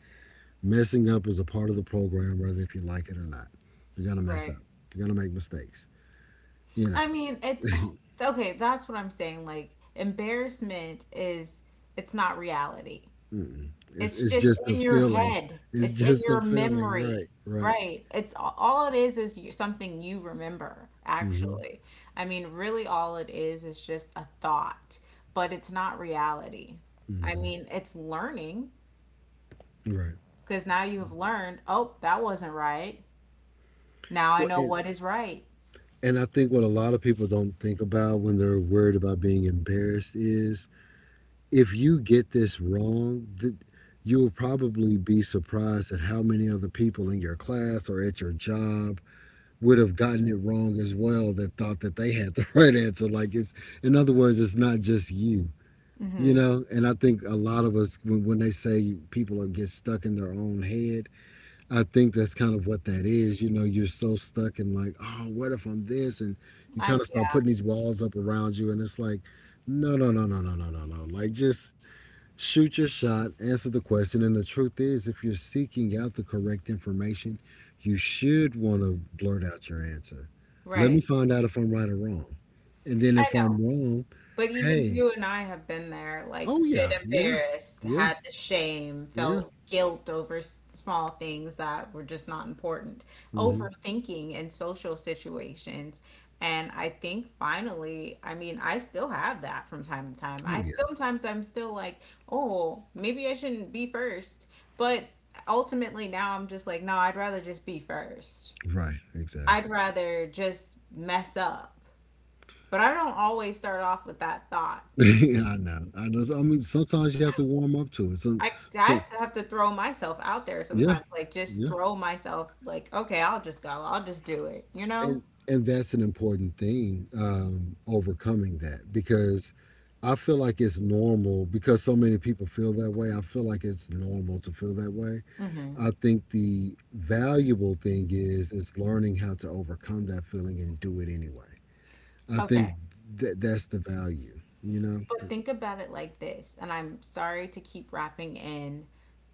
Speaker 2: Messing up is a part of the program, whether if you like it or not. You're gonna mess
Speaker 1: Right.
Speaker 2: up. You're gonna make mistakes. You know.
Speaker 1: I mean, it okay, that's what I'm saying. Like embarrassment is it's not reality.
Speaker 2: Mm-mm. It's
Speaker 1: It's
Speaker 2: it's
Speaker 1: just
Speaker 2: just a
Speaker 1: in your
Speaker 2: feeling.
Speaker 1: head.
Speaker 2: It's
Speaker 1: It's in
Speaker 2: just a
Speaker 1: your
Speaker 2: feeling,
Speaker 1: memory.
Speaker 2: right? Right.
Speaker 1: Right. It's all it is you, something you remember,
Speaker 2: Hmm.
Speaker 1: actually. I mean, really all it is just a thought, but it's not reality. I
Speaker 2: Hmm.
Speaker 1: mean, it's learning
Speaker 2: Right.
Speaker 1: because now you have learned, oh, that wasn't right. Now I
Speaker 2: Well,
Speaker 1: know
Speaker 2: and
Speaker 1: what is right.
Speaker 2: and I think what a lot of people don't think about when they're worried about being embarrassed is if you get this wrong, you'll probably be surprised at how many other people in your class or at your job would have gotten it wrong as well that thought that they had the right answer. Like it's, in other words, it's not just you. You
Speaker 1: Hmm.
Speaker 2: know, and I think a lot of us, when they say people are get stuck in their own head, I think that's kind of what that is. You know, you're so stuck in like, oh, what if I'm this? And you kind
Speaker 1: I
Speaker 2: of start
Speaker 1: yeah,
Speaker 2: putting these walls up around you, and it's like, no, no, no, no, no, no, no, no. Like, just shoot your shot, answer the question. And the truth is, if you're seeking out the correct information, you should want to blurt out your answer. Let
Speaker 1: right.
Speaker 2: me find out if I'm right or wrong. And then
Speaker 1: I
Speaker 2: if
Speaker 1: know.
Speaker 2: I'm wrong,
Speaker 1: But even
Speaker 2: hey,
Speaker 1: you and I have been there, like a
Speaker 2: oh,
Speaker 1: bit
Speaker 2: yeah, yeah,
Speaker 1: embarrassed,
Speaker 2: yeah.
Speaker 1: had the shame,
Speaker 2: Yeah.
Speaker 1: felt guilt over small things that were just not important,
Speaker 2: Hmm.
Speaker 1: overthinking in social situations. And I think finally, I mean, I still have that from time to time.
Speaker 2: Oh
Speaker 1: I
Speaker 2: yeah.
Speaker 1: sometimes I'm still like, oh, maybe I shouldn't be first. But ultimately now I'm just like, no, I'd rather just be first.
Speaker 2: Right.
Speaker 1: I'd
Speaker 2: Exactly.
Speaker 1: rather just mess up. But I don't always start off with that thought.
Speaker 2: yeah, I know. I know. So, I mean, sometimes you have to warm up to it. So,
Speaker 1: I
Speaker 2: so
Speaker 1: I have to throw myself out there
Speaker 2: yeah,
Speaker 1: sometimes. Like just
Speaker 2: yeah.
Speaker 1: throw myself like, okay, I'll just go. I'll just do it, you know?
Speaker 2: And that's an important thing. Overcoming that because I feel like it's normal because so many people feel that way. I feel like it's normal to feel that way.
Speaker 1: Hmm.
Speaker 2: I think the valuable thing is learning how to overcome that feeling and do it anyway. I
Speaker 1: Okay.
Speaker 2: think that's the value. You know.
Speaker 1: But think about it like this, and I'm sorry to keep wrapping in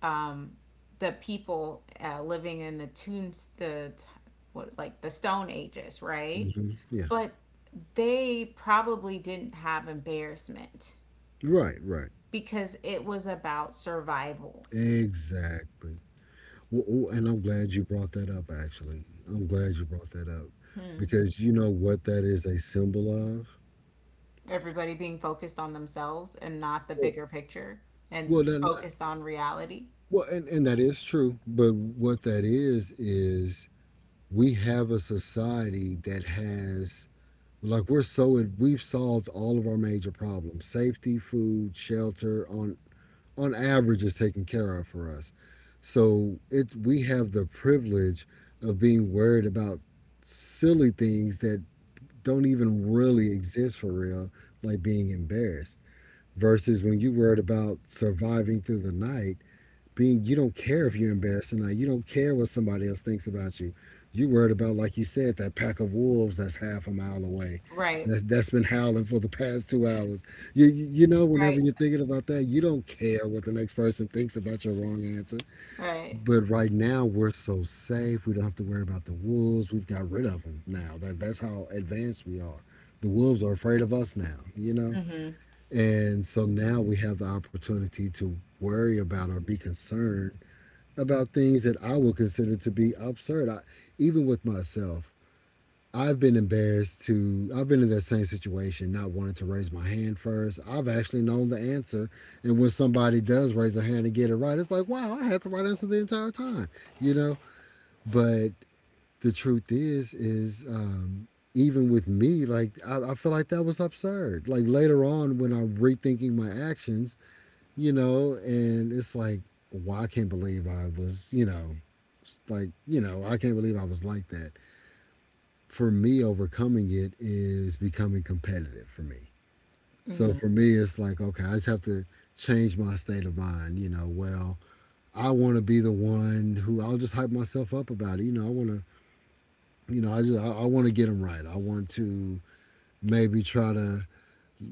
Speaker 1: um the people living in the tunes the t- what like the stone ages, right?
Speaker 2: Hmm. Yeah.
Speaker 1: But they probably didn't have embarrassment
Speaker 2: Right. Right.
Speaker 1: because it was about survival.
Speaker 2: Exactly. Well, oh, and I'm glad you brought that up, actually. I'm glad you brought that up because you know what that is a symbol of?
Speaker 1: Everybody being focused on themselves and not the
Speaker 2: Well,
Speaker 1: bigger picture
Speaker 2: well, that,
Speaker 1: and
Speaker 2: not,
Speaker 1: focused on reality.
Speaker 2: well and that is true. But what that is we have a society that has, like, we're so, we've solved all of our major problems safety, food, shelter, on average is taken care of for us. So it we have the privilege of being worried about silly things that don't even really exist for real, like being embarrassed. Versus when you worried about surviving through the night, being you don't care if you're embarrassed or not. You don't care what somebody else thinks about you. You are worried about, like you said, that pack of wolves that's half a mile away.
Speaker 1: Right.
Speaker 2: That's been howling for the past 2 hours. You know,
Speaker 1: Right.
Speaker 2: whenever you're thinking about that, you don't care what the next person thinks about your wrong answer.
Speaker 1: Right.
Speaker 2: But right now, we're so safe. We don't have to worry about the wolves. We've got rid of them now. That's how advanced we are. The wolves are afraid of us now. You know,
Speaker 1: Mm-hmm.
Speaker 2: and so now we have the opportunity to worry about or be concerned about things that I would consider to be absurd. I, even with myself, I've been embarrassed to, I've been in that same situation, not wanting to raise my hand first. I've actually known the answer. And when somebody does raise a hand and get it right, it's like, wow, I had the right answer the entire time, you know? But the truth is, even with me, like I feel like that was absurd. Like later on, when I'm rethinking my actions, you know, and it's like, well, I can't believe I was, you know, like you know I can't believe I was like that. For me overcoming it is becoming competitive for me. So
Speaker 1: Mm-hmm.
Speaker 2: for me it's like okay I just have to change my state of mind. You know well I want to be the one who I'll just hype myself up about it. You know I want to, you know I want to get them right. I want to maybe try to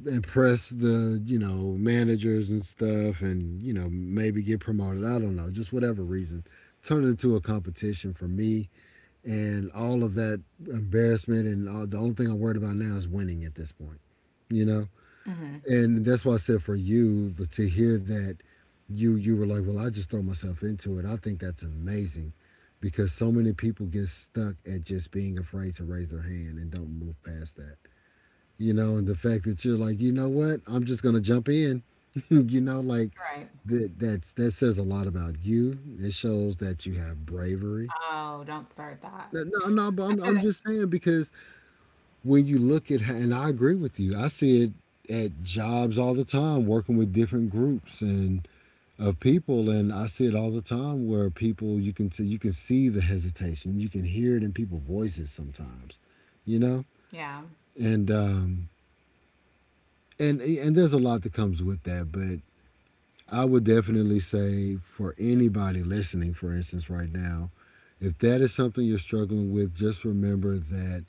Speaker 2: impress the you know managers and stuff and you know maybe get promoted. I don't know just whatever reason turn it into a competition for me and all of that embarrassment and all, the only thing I'm worried about now is winning at this point, you know.
Speaker 1: Mm-hmm.
Speaker 2: And that's why I said for you to hear that you were like, well, I just throw myself into it. I think that's amazing because so many people get stuck at just being afraid to raise their hand and don't move past that. You know, and the fact that you're like, you know what, I'm just gonna jump in. you know, like
Speaker 1: Right.
Speaker 2: that that says a lot about you. It shows that you have bravery.
Speaker 1: Oh, don't start that.
Speaker 2: No, no, but I'm just saying because when you look at, and I agree with you, I see it at jobs all the time, working with different groups and of people, and I see it all the time where people you can see the hesitation, you can hear it in people's voices sometimes, you know,
Speaker 1: Yeah.
Speaker 2: and and there's a lot that comes with that, but I would definitely say for anybody listening, for instance, right now, if that is something you're struggling with, just remember that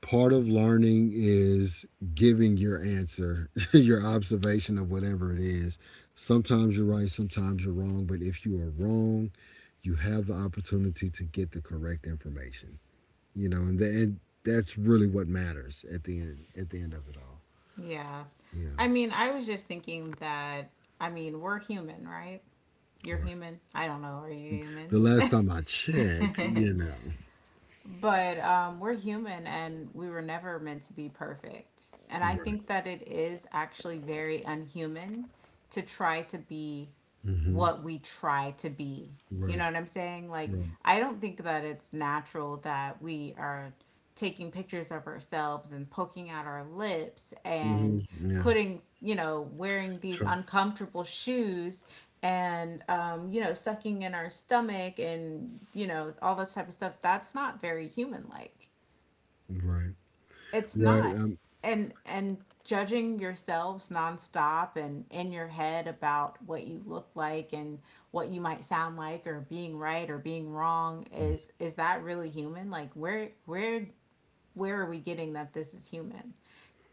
Speaker 2: part of learning is giving your answer, your observation of whatever it is. Sometimes you're right, sometimes you're wrong, but if you are wrong, you have the opportunity to get the correct information. You know, and that's really what matters at the end of it all.
Speaker 1: Yeah.
Speaker 2: Yeah,
Speaker 1: I mean, I was just thinking that, I mean, we're human, right? You're
Speaker 2: right.
Speaker 1: human. I don't know. Are you human?
Speaker 2: The last time I checked, you know,
Speaker 1: But we're human and we were never meant to be perfect. And I think
Speaker 2: right.
Speaker 1: that it is actually very unhuman to try to be
Speaker 2: Mm-hmm.
Speaker 1: what we try to be. You
Speaker 2: Right.
Speaker 1: know what I'm saying? Like,
Speaker 2: Right.
Speaker 1: I don't think that it's natural that we are taking pictures of ourselves and poking out our lips and
Speaker 2: Mm-hmm. Yeah.
Speaker 1: putting, you know, wearing these
Speaker 2: Try.
Speaker 1: uncomfortable shoes and, you know, sucking in our stomach and, you know, all this type of stuff. That's not very human like.
Speaker 2: Right.
Speaker 1: It's
Speaker 2: Right.
Speaker 1: not. And judging yourselves nonstop and in your head about what you look like and what you might sound like or being right or being wrong, is that really human? Like where are we getting that this is human?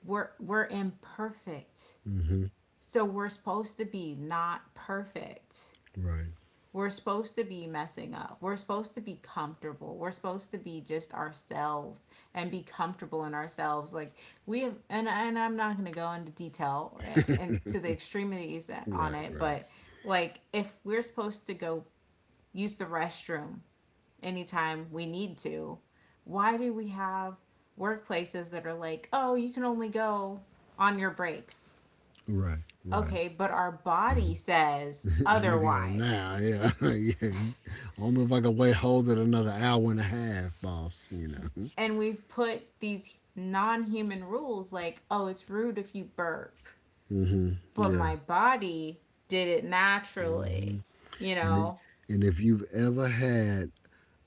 Speaker 1: We're imperfect.
Speaker 2: Mm-hmm.
Speaker 1: So we're supposed to be not perfect,
Speaker 2: Right.
Speaker 1: we're supposed to be messing up. We're supposed to be comfortable. We're supposed to be just ourselves and be comfortable in ourselves. Like we have, and I'm not going to go into detail and to the extremities on
Speaker 2: Right.
Speaker 1: it,
Speaker 2: Right.
Speaker 1: but like if we're supposed to go use the restroom anytime we need to, why do we have workplaces that are like, oh, you can only go on your breaks?
Speaker 2: Right, right.
Speaker 1: Okay, but our body says
Speaker 2: I need to go now.
Speaker 1: otherwise.
Speaker 2: Yeah, yeah. I don't know if I can wait hold it another hour and a half, boss. You know.
Speaker 1: And we've put these non-human rules like, oh, it's rude if you burp,
Speaker 2: Hmm.
Speaker 1: but
Speaker 2: Yeah.
Speaker 1: my body did it
Speaker 2: Hmm.
Speaker 1: naturally, you
Speaker 2: And it,
Speaker 1: know?
Speaker 2: and if you've ever had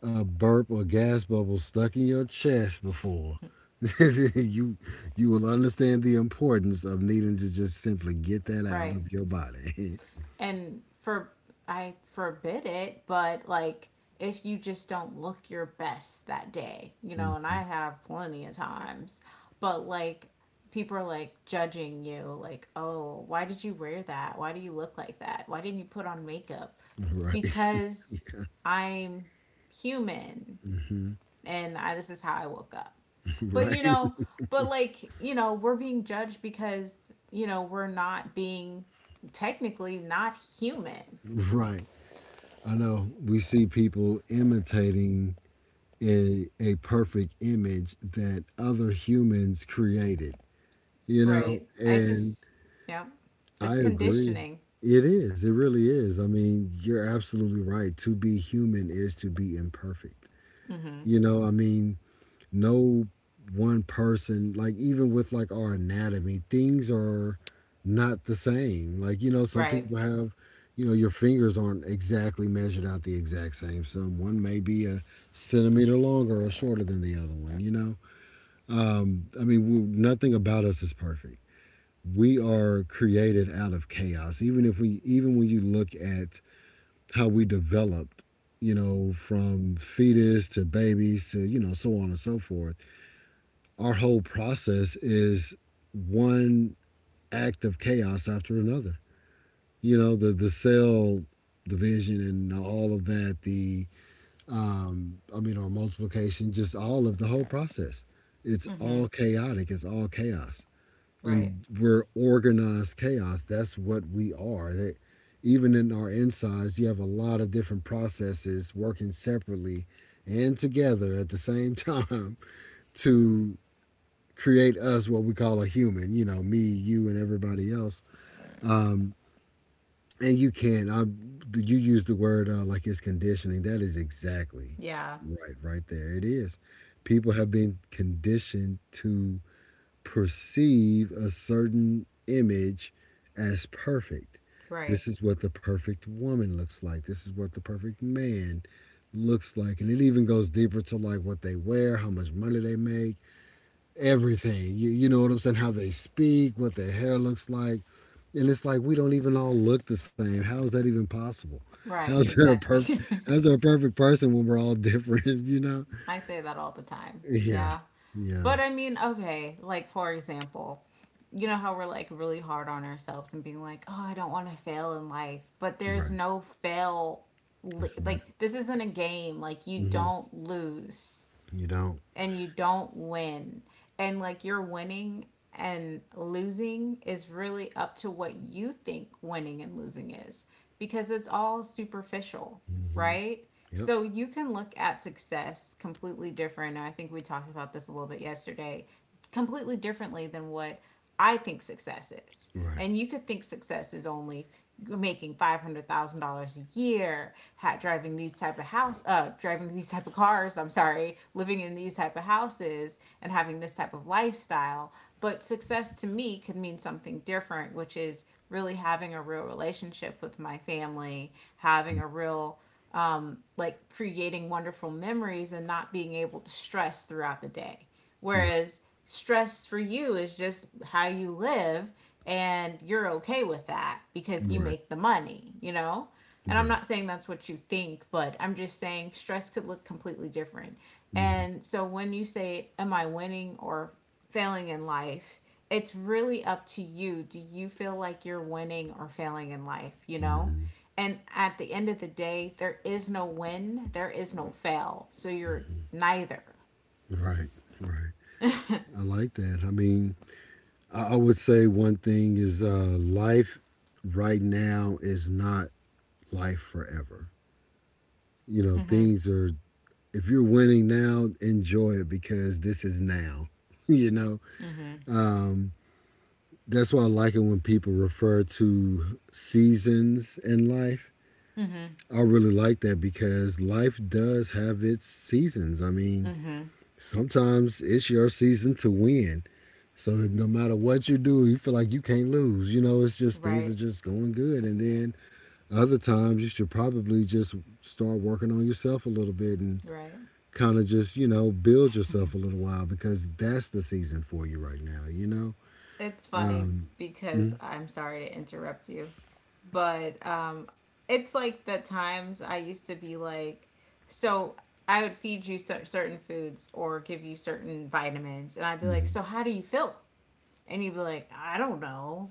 Speaker 2: a burp or gas bubble stuck in your chest before, you you will understand the importance of needing to just simply get that out
Speaker 1: Right.
Speaker 2: of your body.
Speaker 1: And for I forbid it, but like if you just don't look your best that day, you know,
Speaker 2: Mm,
Speaker 1: and I have plenty of times, but like people are like judging you, like, oh, why did you wear that? Why do you look like that? Why didn't you put on makeup?
Speaker 2: right.
Speaker 1: Because I'm human,
Speaker 2: Hmm.
Speaker 1: and I, this is how I woke up. But
Speaker 2: Right.
Speaker 1: you know, but like, you know, we're being judged because, you know, we're not being technically not human,
Speaker 2: Right. I know we see people imitating a perfect image that other humans created, you know,
Speaker 1: right? I
Speaker 2: and
Speaker 1: just, yeah,
Speaker 2: I
Speaker 1: it's
Speaker 2: agree.
Speaker 1: conditioning.
Speaker 2: It is, it really is. I mean, you're absolutely right, to be human is to be imperfect,
Speaker 1: Mm-hmm.
Speaker 2: you know. I mean no one person, like even with like our anatomy, things are not the same. Like you know some
Speaker 1: Right.
Speaker 2: people have, you know, your fingers aren't exactly measured out the exact same, so one may be a centimeter longer or shorter than the other one, you know. I mean, we, nothing about us is perfect. We are created out of chaos. Even if we, even when you look at how we developed, you know, from fetus to babies to you know so on and so forth, our whole process is one act of chaos after another. You know, the cell division and all of that. The I mean, our multiplication, just all of the whole process. It's
Speaker 1: Mm-hmm.
Speaker 2: all chaotic. It's all chaos.
Speaker 1: Right.
Speaker 2: And we're organized chaos. That's what we are. That even in our insides, you have a lot of different processes working separately and together at the same time to create us what we call a human. You know, me, you, and everybody else. Um, and you can. I You use the word like it's conditioning. That is exactly
Speaker 1: Yeah.
Speaker 2: right. Right there, it is. People have been conditioned to perceive a certain image as perfect.
Speaker 1: Right.
Speaker 2: This is what the perfect woman looks like. This is what the perfect man looks like. And it even goes deeper to like what they wear, how much money they make, everything. You know what I'm saying? How they speak, what their hair looks like. And it's like we don't even all look the same. How is that even possible? How
Speaker 1: Right,
Speaker 2: is there a perfect
Speaker 1: exactly.
Speaker 2: how is there a perfect person when we're all different, you know?
Speaker 1: I say that all the time.
Speaker 2: Yeah.
Speaker 1: Yeah.
Speaker 2: Yeah.
Speaker 1: But I mean, okay, like for example, you know how we're like really hard on ourselves and being like, oh, I don't want to fail in life, but there's
Speaker 2: Right.
Speaker 1: no fail.
Speaker 2: It's not.
Speaker 1: Like, this isn't a game. Like, you
Speaker 2: hmm
Speaker 1: don't lose
Speaker 2: You don't.
Speaker 1: and you don't win. And like you're winning and losing is really up to what you think winning and losing is because it's all superficial,
Speaker 2: hmm
Speaker 1: right?
Speaker 2: Yep.
Speaker 1: So you can look at success completely different. I think we talked about this a little bit yesterday completely differently than what I think success is.
Speaker 2: Right.
Speaker 1: And you could think success is only making $500,000 a year, driving these type of house, driving these type of cars. I'm sorry, living in these type of houses and having this type of lifestyle. But success to me could mean something different, which is really having a real relationship with my family, having a real like creating wonderful memories and not being able to stress throughout the day.
Speaker 2: Right.
Speaker 1: Whereas stress for you is just how you live and you're okay with that because you
Speaker 2: Right.
Speaker 1: make the money, you know? And I'm
Speaker 2: Right.
Speaker 1: not saying that's what you think, but I'm just saying stress could look completely different.
Speaker 2: Mm-hmm.
Speaker 1: And so when you say, am I winning or failing in life? It's really up to you. Do you feel like you're winning or failing in life, you know?
Speaker 2: Mm-hmm.
Speaker 1: And at the end of the day, there is no win, there is no fail. So you're neither.
Speaker 2: Right. Right. I like that. I mean, I would say one thing is life right now is not life forever. You know, things are. If you're winning now, enjoy it because this is now. you know,
Speaker 1: Mm-hmm.
Speaker 2: um, that's why I like it when people refer to seasons in life.
Speaker 1: Mm-hmm.
Speaker 2: I really like that because life does have its seasons. I mean,
Speaker 1: Mm-hmm.
Speaker 2: sometimes it's your season to win. So no matter what you do, you feel like you can't lose. You know, it's just things are
Speaker 1: Right,
Speaker 2: just going good. And then other times you should probably just start working on yourself a little bit and
Speaker 1: right.
Speaker 2: kind of just, you know, build yourself a little while because that's the season for you right now, you know?
Speaker 1: It's funny because I'm sorry to interrupt you, but it's like the times I used to be like, so I would feed you certain foods or give you certain vitamins, and I'd be like, so
Speaker 2: Mm-hmm.
Speaker 1: how do you feel? And you'd be like, I don't know.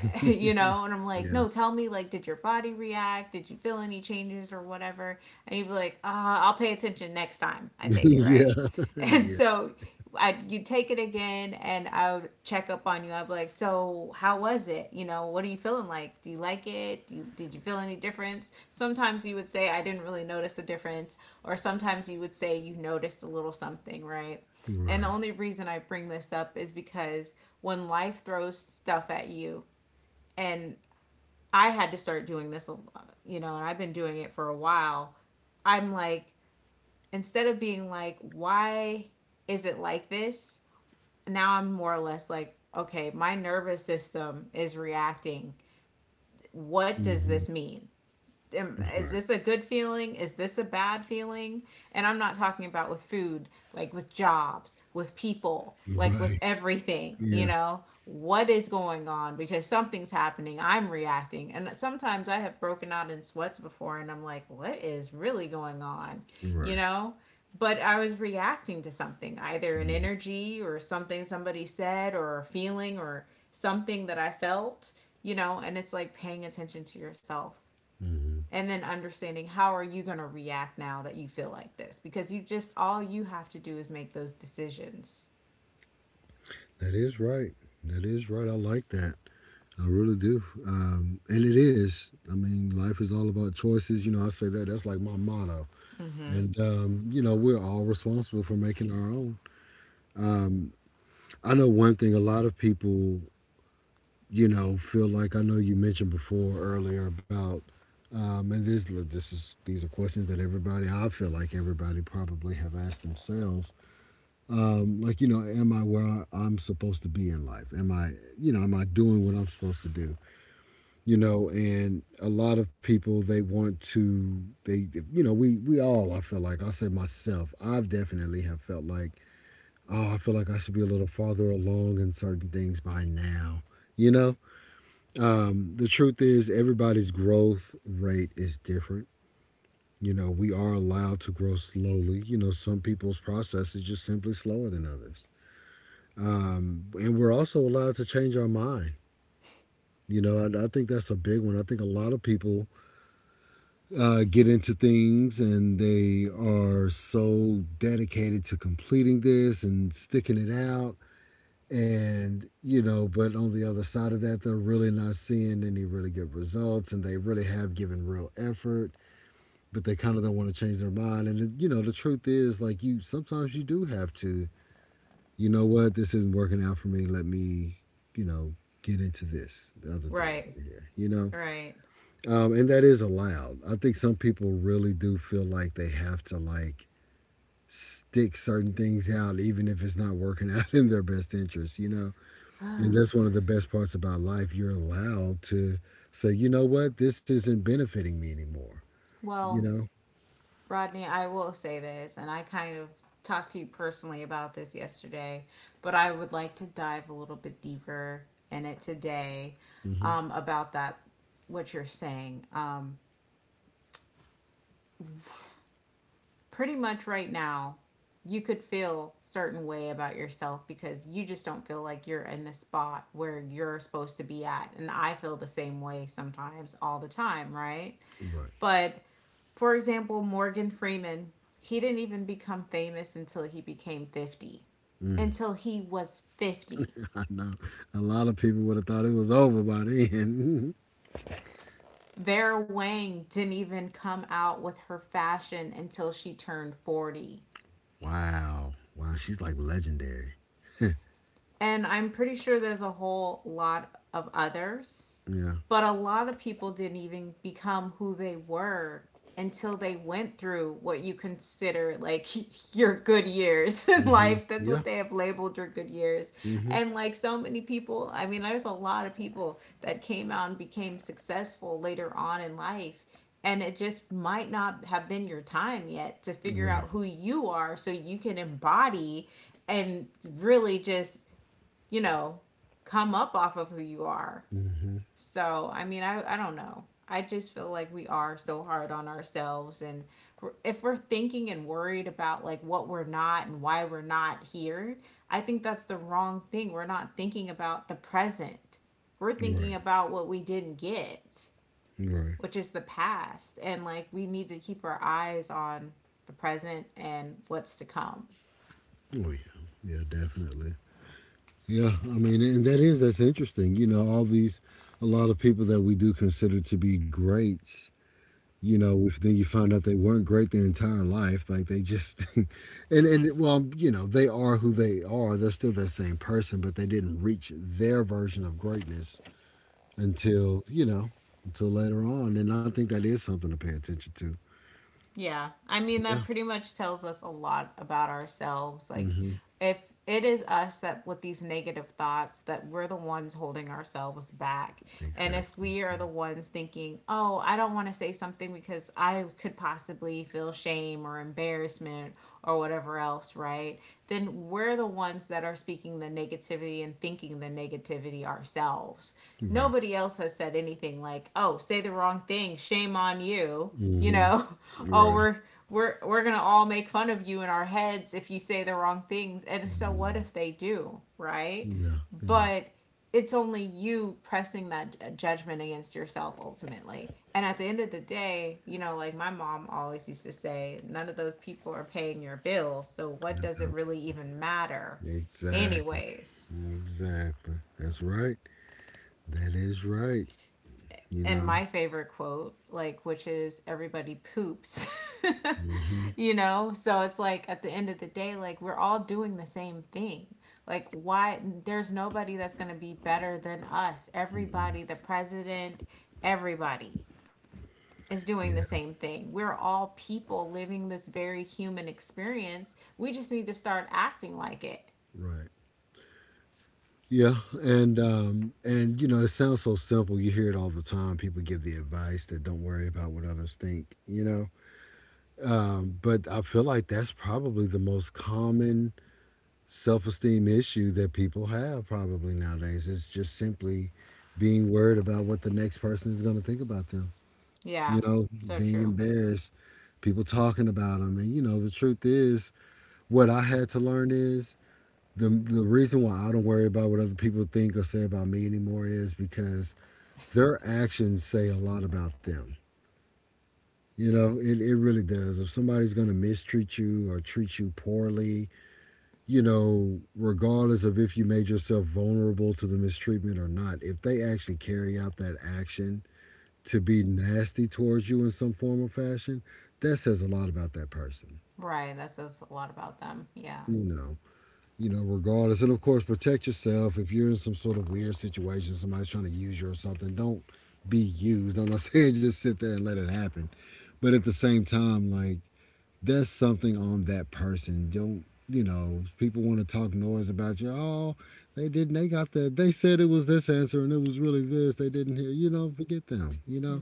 Speaker 1: You know, and I'm like,
Speaker 2: Yeah.
Speaker 1: no, tell me, like, did your body react? Did you feel any changes or whatever? And you'd be like, I'll pay attention next time I take it,
Speaker 2: yeah.
Speaker 1: right? And
Speaker 2: yeah.
Speaker 1: so I you'd take it again and I would check up on you. I'd be like, so how was it? You know, what are you feeling like? Do you like it? Did you feel any difference? Sometimes you would say I didn't really notice a difference, or sometimes you would say you noticed a little something, right? And
Speaker 2: Right.
Speaker 1: the only reason I bring this up is because when life throws stuff at you and I had to start doing this, you know, and I've been doing it for a while. I'm like, instead of being like, why is it like this? Now I'm more or less like, okay, my nervous system is reacting. What does
Speaker 2: hmm
Speaker 1: this mean? Is
Speaker 2: Right.
Speaker 1: this a good feeling? Is this a bad feeling? And I'm not talking about with food, like with jobs, with people, like with
Speaker 2: Right.
Speaker 1: everything, you
Speaker 2: Yeah.
Speaker 1: know? What is going on? Because something's happening. I'm reacting. And sometimes I have broken out in sweats before and I'm like, what is really going on? You
Speaker 2: Right.
Speaker 1: know? But I was reacting to something, either an
Speaker 2: Mhm.
Speaker 1: energy or something somebody said or a feeling or something that I felt, you know? And it's like paying attention to yourself
Speaker 2: Mhm.
Speaker 1: and then understanding how are you going to react now that you feel like this, because you just all you have to do is make those decisions,
Speaker 2: That is right. That is right. I like that. I really do. And it is. I mean, life is all about choices. You know, I say that. That's like my motto. You know, we're all responsible for making our own. Um, I know one thing a lot of people, you know, feel like I know you mentioned before earlier about, and look, these are questions that everybody, I feel like everybody probably have asked themselves. Like, you know, am I where I'm supposed to be in life? Am I, you know, am I doing what I'm supposed to do? You know, and a lot of people they want to they you know, we all, I feel like, i say myself, I've definitely have felt like, oh, I feel like I should be a little farther along in certain things by now, you know? The truth is, everybody's growth rate is different. You know, we are allowed to grow slowly. You know, some people's process is just simply slower than others. And we're also allowed to change our mind. You know, I think that's a big one. I think a lot of people get into things and they are so dedicated to completing this and sticking it out. And, you know, but on the other side of that, they're really not seeing any really good results and they really have given real effort, but they kind of don't want to change their mind. And, you know, the truth is, like, you sometimes you do have to, you know what, this isn't working out for me. Let me, you know, get into this, the other thing
Speaker 1: right?
Speaker 2: over here, you know?
Speaker 1: Right.
Speaker 2: And that is allowed. I think some people really do feel like they have to like stick certain things out, even if it's not working out in their best interest, you know? And that's one of the best parts about life. You're allowed to say, you know what, this isn't benefiting me anymore, you
Speaker 1: Well,
Speaker 2: know?
Speaker 1: Rodney, I will say this, and I kind of talked to you personally about this yesterday, but I would like to dive a little bit deeper in it today.
Speaker 2: hmm
Speaker 1: About that, what you're saying, pretty much right now you could feel a certain way about yourself because you just don't feel like you're in the spot where you're supposed to be at, and I feel the same way sometimes, all the time, right?
Speaker 2: Right.
Speaker 1: But for example, Morgan Freeman, he didn't even become famous until he became 50,
Speaker 2: Mm.
Speaker 1: until he was 50.
Speaker 2: I know. A lot of people would have thought it was over by then.
Speaker 1: Vera Wang didn't even come out with her fashion until she turned 40.
Speaker 2: Wow. Wow. She's like legendary.
Speaker 1: And I'm pretty sure there's a whole lot of others,
Speaker 2: Yeah.
Speaker 1: but a lot of people didn't even become who they were until they went through what you consider like your good years in life. That's
Speaker 2: Yeah.
Speaker 1: what they have labeled your good years.
Speaker 2: hmm
Speaker 1: And like so many people, I mean, there's a lot of people that came out and became successful later on in life. And it just might not have been your time yet to figure
Speaker 2: Right.
Speaker 1: out who you are so you can embody and really just you know, come up off of who you are.
Speaker 2: hmm
Speaker 1: So, I mean, I don't know. I just feel like we are so hard on ourselves. And if we're thinking and worried about like what we're not and why we're not here, I think that's the wrong thing. We're not thinking about the present. We're thinking
Speaker 2: Right.
Speaker 1: about what we didn't get,
Speaker 2: Right.
Speaker 1: which is the past. And like we need to keep our eyes on the present and what's to come.
Speaker 2: Oh yeah, yeah, definitely. Yeah, I mean, and that's interesting. You know, all these, a lot of people that we do consider to be greats. You know, if then you find out they weren't great their entire life, like they just, and well, you know, they are who they are. They're still that same person, but they didn't reach their version of greatness until, you know, until later on. And I think that is something to pay attention to.
Speaker 1: Yeah. I mean,
Speaker 2: Yeah.
Speaker 1: that pretty much tells us a lot about ourselves. Like,
Speaker 2: Mm-hmm.
Speaker 1: if it is us that with these negative thoughts that we're the ones holding ourselves back, and if
Speaker 2: Exactly.
Speaker 1: we are
Speaker 2: Yeah.
Speaker 1: the ones thinking, oh, I don't want to say something because I could possibly feel shame or embarrassment or whatever else, right? Then we're the ones that are speaking the negativity and thinking the negativity ourselves.
Speaker 2: Right.
Speaker 1: Nobody else has said anything like, oh, say the wrong thing, shame on you, you
Speaker 2: Mm-hmm.
Speaker 1: know. oh
Speaker 2: Right.
Speaker 1: we're we're going to all make fun of you in our heads if you say the wrong things. And so what
Speaker 2: Mhm.
Speaker 1: if they do, right?
Speaker 2: Yeah. Yeah.
Speaker 1: But it's only you pressing that judgment against yourself ultimately, and at the end of the day, you know, like my mom always used to say, none of those people are paying your bills, so what does it really even matter
Speaker 2: Exactly.
Speaker 1: anyways?
Speaker 2: Exactly. That's right. That is right. You
Speaker 1: And
Speaker 2: know.
Speaker 1: my favorite quote, like, which is everybody poops,
Speaker 2: hmm
Speaker 1: you know? So it's like at the end of the day, like, we're all doing the same thing. Like, why? There's nobody that's going to be better than us. Everybody, the president, everybody is doing
Speaker 2: Yeah.
Speaker 1: the same thing. We're all people living this very human experience. We just need to start acting like it.
Speaker 2: Right. Yeah, and you know, it sounds so simple. You hear it all the time. People give the advice that don't worry about what others think. You know, but I feel like that's probably the most common self-esteem issue that people have probably nowadays. It's just simply being worried about what the next person is going to think about them. You
Speaker 1: Yeah,
Speaker 2: know,
Speaker 1: so
Speaker 2: being
Speaker 1: true.
Speaker 2: embarrassed, people talking about them. And you know, the truth is, what I had to learn is, the reason why I don't worry about what other people think or say about me anymore is because their actions say a lot about them. You know, it really does. If somebody's going to mistreat you or treat you poorly, you know, regardless of if you made yourself vulnerable to the mistreatment or not, if they actually carry out that action to be nasty towards you in some form or fashion, that says a lot about that person.
Speaker 1: Right. That says a lot about them. Yeah.
Speaker 2: You know, you know, regardless. And of course, protect yourself. If you're in some sort of weird situation, somebody's trying to use you or something, don't be used. I'm not saying just sit there and let it happen. But at the same time, like, that's something on that person. Don't, you know, people want to talk noise about you. Oh, they didn't, they got that. They said it was this answer and it was really this. They didn't hear, you know, forget them, you know.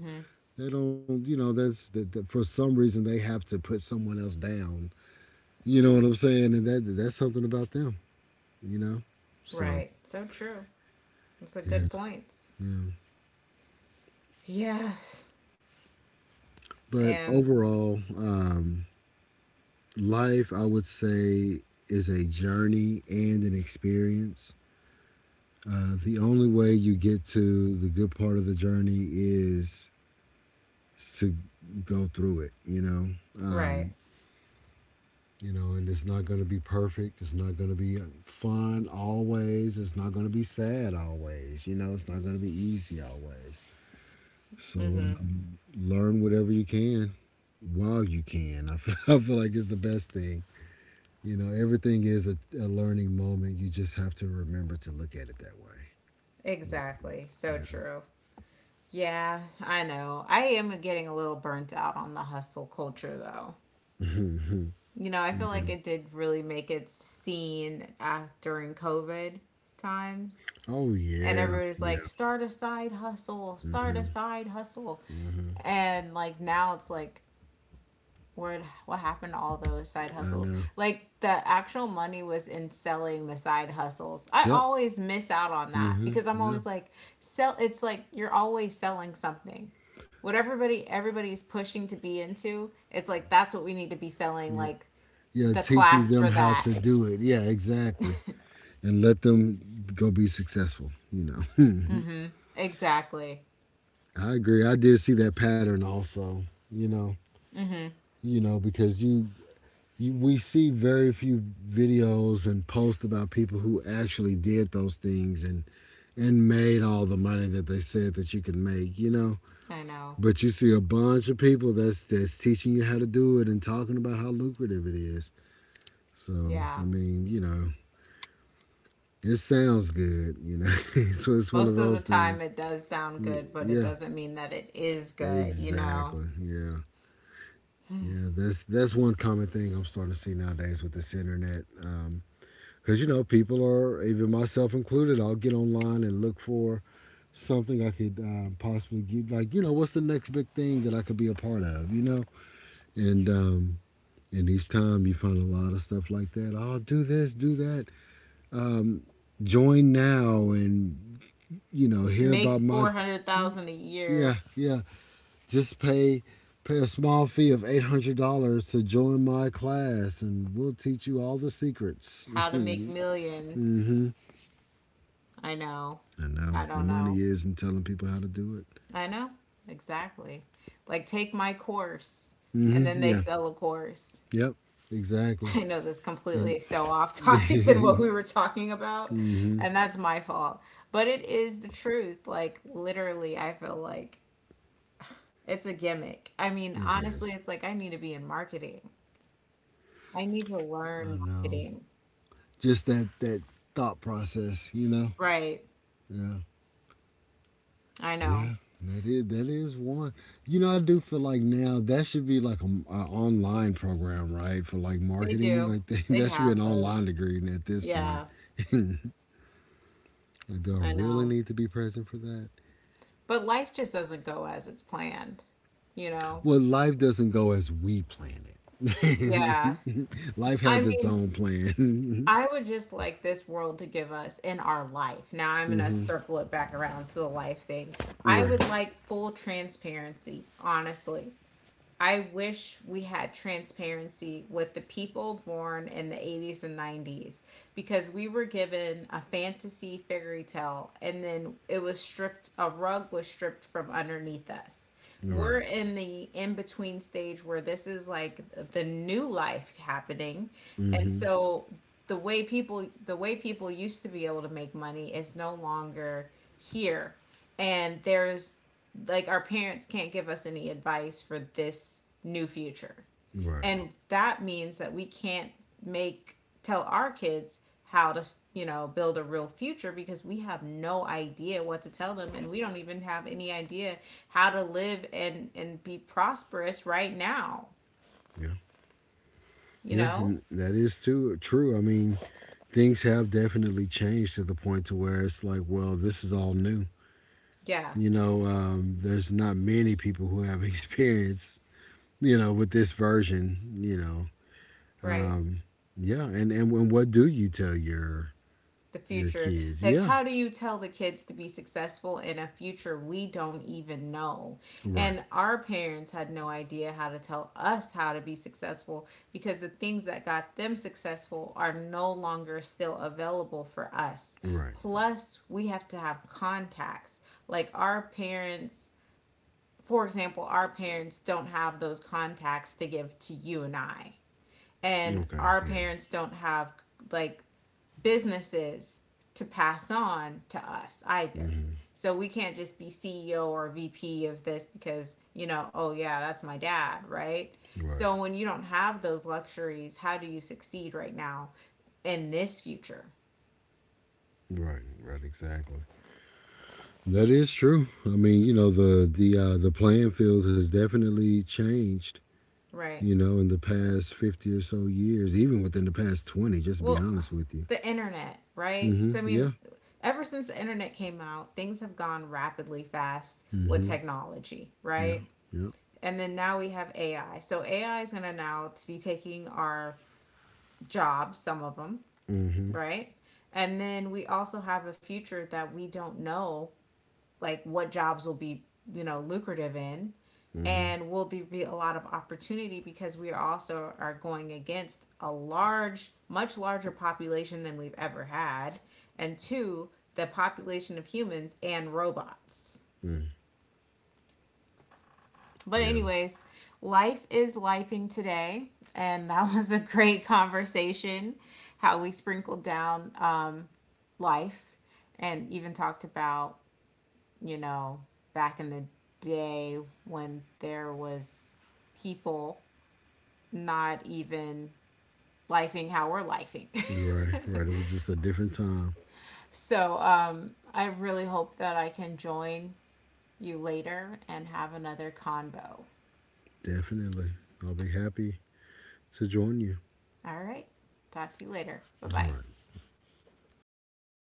Speaker 2: They don't, you know, that's that for some reason they have to put someone else down. You know what I'm saying? And that's something about them, you know? So,
Speaker 1: Right. So true. Those are good
Speaker 2: yeah,
Speaker 1: points.
Speaker 2: yeah.
Speaker 1: Yes.
Speaker 2: But
Speaker 1: And
Speaker 2: overall, life, I would say, is a journey and an experience. The only way you get to the good part of the journey is to go through it, you know?
Speaker 1: right.
Speaker 2: Um, and it's not going to be perfect. It's not going to be fun always. It's not going to be sad always. You know, it's not going to be easy always. So
Speaker 1: Mhm.
Speaker 2: learn whatever you can while you can. I feel, I feel like it's the best thing. You know, everything is a learning moment. You just have to remember to look at it that way.
Speaker 1: Exactly. So
Speaker 2: Yeah.
Speaker 1: true. Yeah, I know. I am getting a little burnt out on the hustle culture though.
Speaker 2: Mhm.
Speaker 1: You know, I feel like
Speaker 2: Yeah.
Speaker 1: it did really make it seen during COVID times.
Speaker 2: Oh
Speaker 1: And
Speaker 2: yeah.
Speaker 1: everybody's
Speaker 2: Yeah.
Speaker 1: like, start a side hustle, start a side hustle. And like now it's like, where what happened to all those side
Speaker 2: I
Speaker 1: hustles?
Speaker 2: know.
Speaker 1: Like the actual money was in selling the side hustles. I
Speaker 2: Yep.
Speaker 1: always miss out on that
Speaker 2: Mhm.
Speaker 1: because I'm
Speaker 2: Yeah.
Speaker 1: always like sell it's like you're always selling something, what everybody's pushing to be into. It's like that's what we need to be selling,
Speaker 2: Yeah.
Speaker 1: like
Speaker 2: Yeah.
Speaker 1: the
Speaker 2: Teaching
Speaker 1: class
Speaker 2: them
Speaker 1: for
Speaker 2: how
Speaker 1: that.
Speaker 2: to do it. Yeah. Exactly. And let them go be successful. You know.
Speaker 1: Mm-hmm, exactly.
Speaker 2: I agree. I did see that pattern also. You know.
Speaker 1: Mm-hmm.
Speaker 2: You know, because you, we see very few videos and posts about people who actually did those things and made all the money that they said that you could make, you know.
Speaker 1: I know.
Speaker 2: But you see a bunch of people that's teaching you how to do it and talking about how lucrative it is. So
Speaker 1: Yeah,
Speaker 2: I mean, you know, it sounds good, you know. So it's one of
Speaker 1: most of the
Speaker 2: those
Speaker 1: time
Speaker 2: things.
Speaker 1: it does sound good, but it
Speaker 2: Yeah,
Speaker 1: doesn't mean that it is good, you know.
Speaker 2: exactly. Yeah, yeah. That's one common thing I'm starting to see nowadays with this internet. Because, you know, people are, even myself included, I'll get online and look for something I could possibly get. Like, you know, what's the next big thing that I could be a part of, you know? And, um, and each time you find a lot of stuff like that. Oh, do this, do that. Um, Join now and, you know, hear
Speaker 1: Make
Speaker 2: about my.
Speaker 1: 400,000 a
Speaker 2: Yeah,
Speaker 1: year.
Speaker 2: yeah. Just pay a small fee of $800 to join my class, and we'll teach you all the secrets.
Speaker 1: How to make millions.
Speaker 2: Mm-hmm.
Speaker 1: I know.
Speaker 2: And now
Speaker 1: I
Speaker 2: the
Speaker 1: don't know.
Speaker 2: money is in telling people how to do it.
Speaker 1: I know. Exactly. Like, take my course. And
Speaker 2: Mm-hmm.
Speaker 1: then they
Speaker 2: Yeah.
Speaker 1: sell a course.
Speaker 2: Yep. Exactly.
Speaker 1: I know this
Speaker 2: And
Speaker 1: completely so off topic than what
Speaker 2: mm-hmm.
Speaker 1: we were talking about. And that's my fault. But it is the truth. Like, literally, I feel like it's a gimmick. I mean,
Speaker 2: It
Speaker 1: honestly,
Speaker 2: is.
Speaker 1: it's like I need to be in marketing. I need to
Speaker 2: I
Speaker 1: learn
Speaker 2: know.
Speaker 1: marketing.
Speaker 2: Just that that thought process, you know.
Speaker 1: Right.
Speaker 2: Yeah.
Speaker 1: I know.
Speaker 2: Yeah. That is, that is one. You know, I do feel like now that should be like a, online program, right? For like
Speaker 1: They
Speaker 2: marketing,
Speaker 1: do.
Speaker 2: like
Speaker 1: They
Speaker 2: that should be an
Speaker 1: have
Speaker 2: online
Speaker 1: those.
Speaker 2: degree at this point.
Speaker 1: Yeah,
Speaker 2: Like, do I
Speaker 1: I
Speaker 2: really
Speaker 1: know.
Speaker 2: need to be present for that?
Speaker 1: But life just doesn't go as it's planned, you know?
Speaker 2: Well, life doesn't go as we plan it.
Speaker 1: Yeah.
Speaker 2: Life
Speaker 1: I
Speaker 2: has its
Speaker 1: mean,
Speaker 2: own plan.
Speaker 1: I would just like this world to give us in our life. Now I'm going to
Speaker 2: hmm
Speaker 1: circle it back around to the life thing. I
Speaker 2: Right.
Speaker 1: would like full transparency, honestly. I wish we had transparency with the people born in the 80s and 90s, because we were given a fantasy fairy tale and then it was stripped, a rug was stripped from underneath us.
Speaker 2: Right.
Speaker 1: We're in the in between stage where this is like the new life happening. And
Speaker 2: hmm
Speaker 1: so the way people used to be able to make money is no longer here, and there's like our parents can't give us any advice for this new future.
Speaker 2: Right.
Speaker 1: And that means that we can't make tell our kids how to, you know, build a real future, because we have no idea what to tell them, and we don't even have any idea how to live and be prosperous right now,
Speaker 2: Yeah.
Speaker 1: you
Speaker 2: Yeah,
Speaker 1: know?
Speaker 2: that is too true. I mean, things have definitely changed to the point to where it's like, well, this is all new.
Speaker 1: Yeah,
Speaker 2: You know, there's not many people who have experience, you know, with this version. You know,
Speaker 1: right.
Speaker 2: um, yeah, and what do you tell
Speaker 1: The
Speaker 2: your
Speaker 1: future,
Speaker 2: kids?
Speaker 1: like
Speaker 2: Yeah,
Speaker 1: how do you tell the kids to be successful in a future we don't even know?
Speaker 2: right,
Speaker 1: And our parents had no idea how to tell us how to be successful, because the things that got them successful are no longer still available for us.
Speaker 2: right,
Speaker 1: Plus we have to have contacts like our parents. For example, our parents don't have those contacts to give to you and I, and
Speaker 2: okay,
Speaker 1: our
Speaker 2: yeah,
Speaker 1: parents don't have like businesses to pass on to us either.
Speaker 2: hmm
Speaker 1: So we can't just be CEO or VP of this because, you know, oh yeah, that's my dad, right?
Speaker 2: right,
Speaker 1: So when you don't have those luxuries, how do you succeed right now in this future,
Speaker 2: right, right, exactly. That is true. I mean, you know, the playing field has definitely changed.
Speaker 1: right?
Speaker 2: You know, in the past 50 or so years, even within the past 20, just to be
Speaker 1: Well,
Speaker 2: honest with you.
Speaker 1: the internet, right? So I
Speaker 2: Yeah.
Speaker 1: mean, ever since the internet came out, things have gone rapidly fast with
Speaker 2: hmm
Speaker 1: technology,
Speaker 2: Yeah.
Speaker 1: right?
Speaker 2: Yeah.
Speaker 1: And then now we have AI. So AI is going to now be taking our jobs, some of them,
Speaker 2: hmm
Speaker 1: right? And then we also have a future that we don't know, like what jobs will be, you know, lucrative in.
Speaker 2: hmm
Speaker 1: And will there be a lot of opportunity, because we also are going against a large, much larger population than we've ever had. And two, the population of humans and robots.
Speaker 2: Mm.
Speaker 1: But,
Speaker 2: Yeah.
Speaker 1: anyways, life is lifing today. And that was a great conversation, how we sprinkled down life and even talked about, you know, back in the day when there was people not even lifing how we're lifing.
Speaker 2: Right. Right. It was just a different time.
Speaker 1: So I really hope that I can join you later and have another convo.
Speaker 2: Definitely. I'll be happy to join you.
Speaker 1: All right. Talk to you later. Bye
Speaker 2: All
Speaker 1: bye.
Speaker 2: right.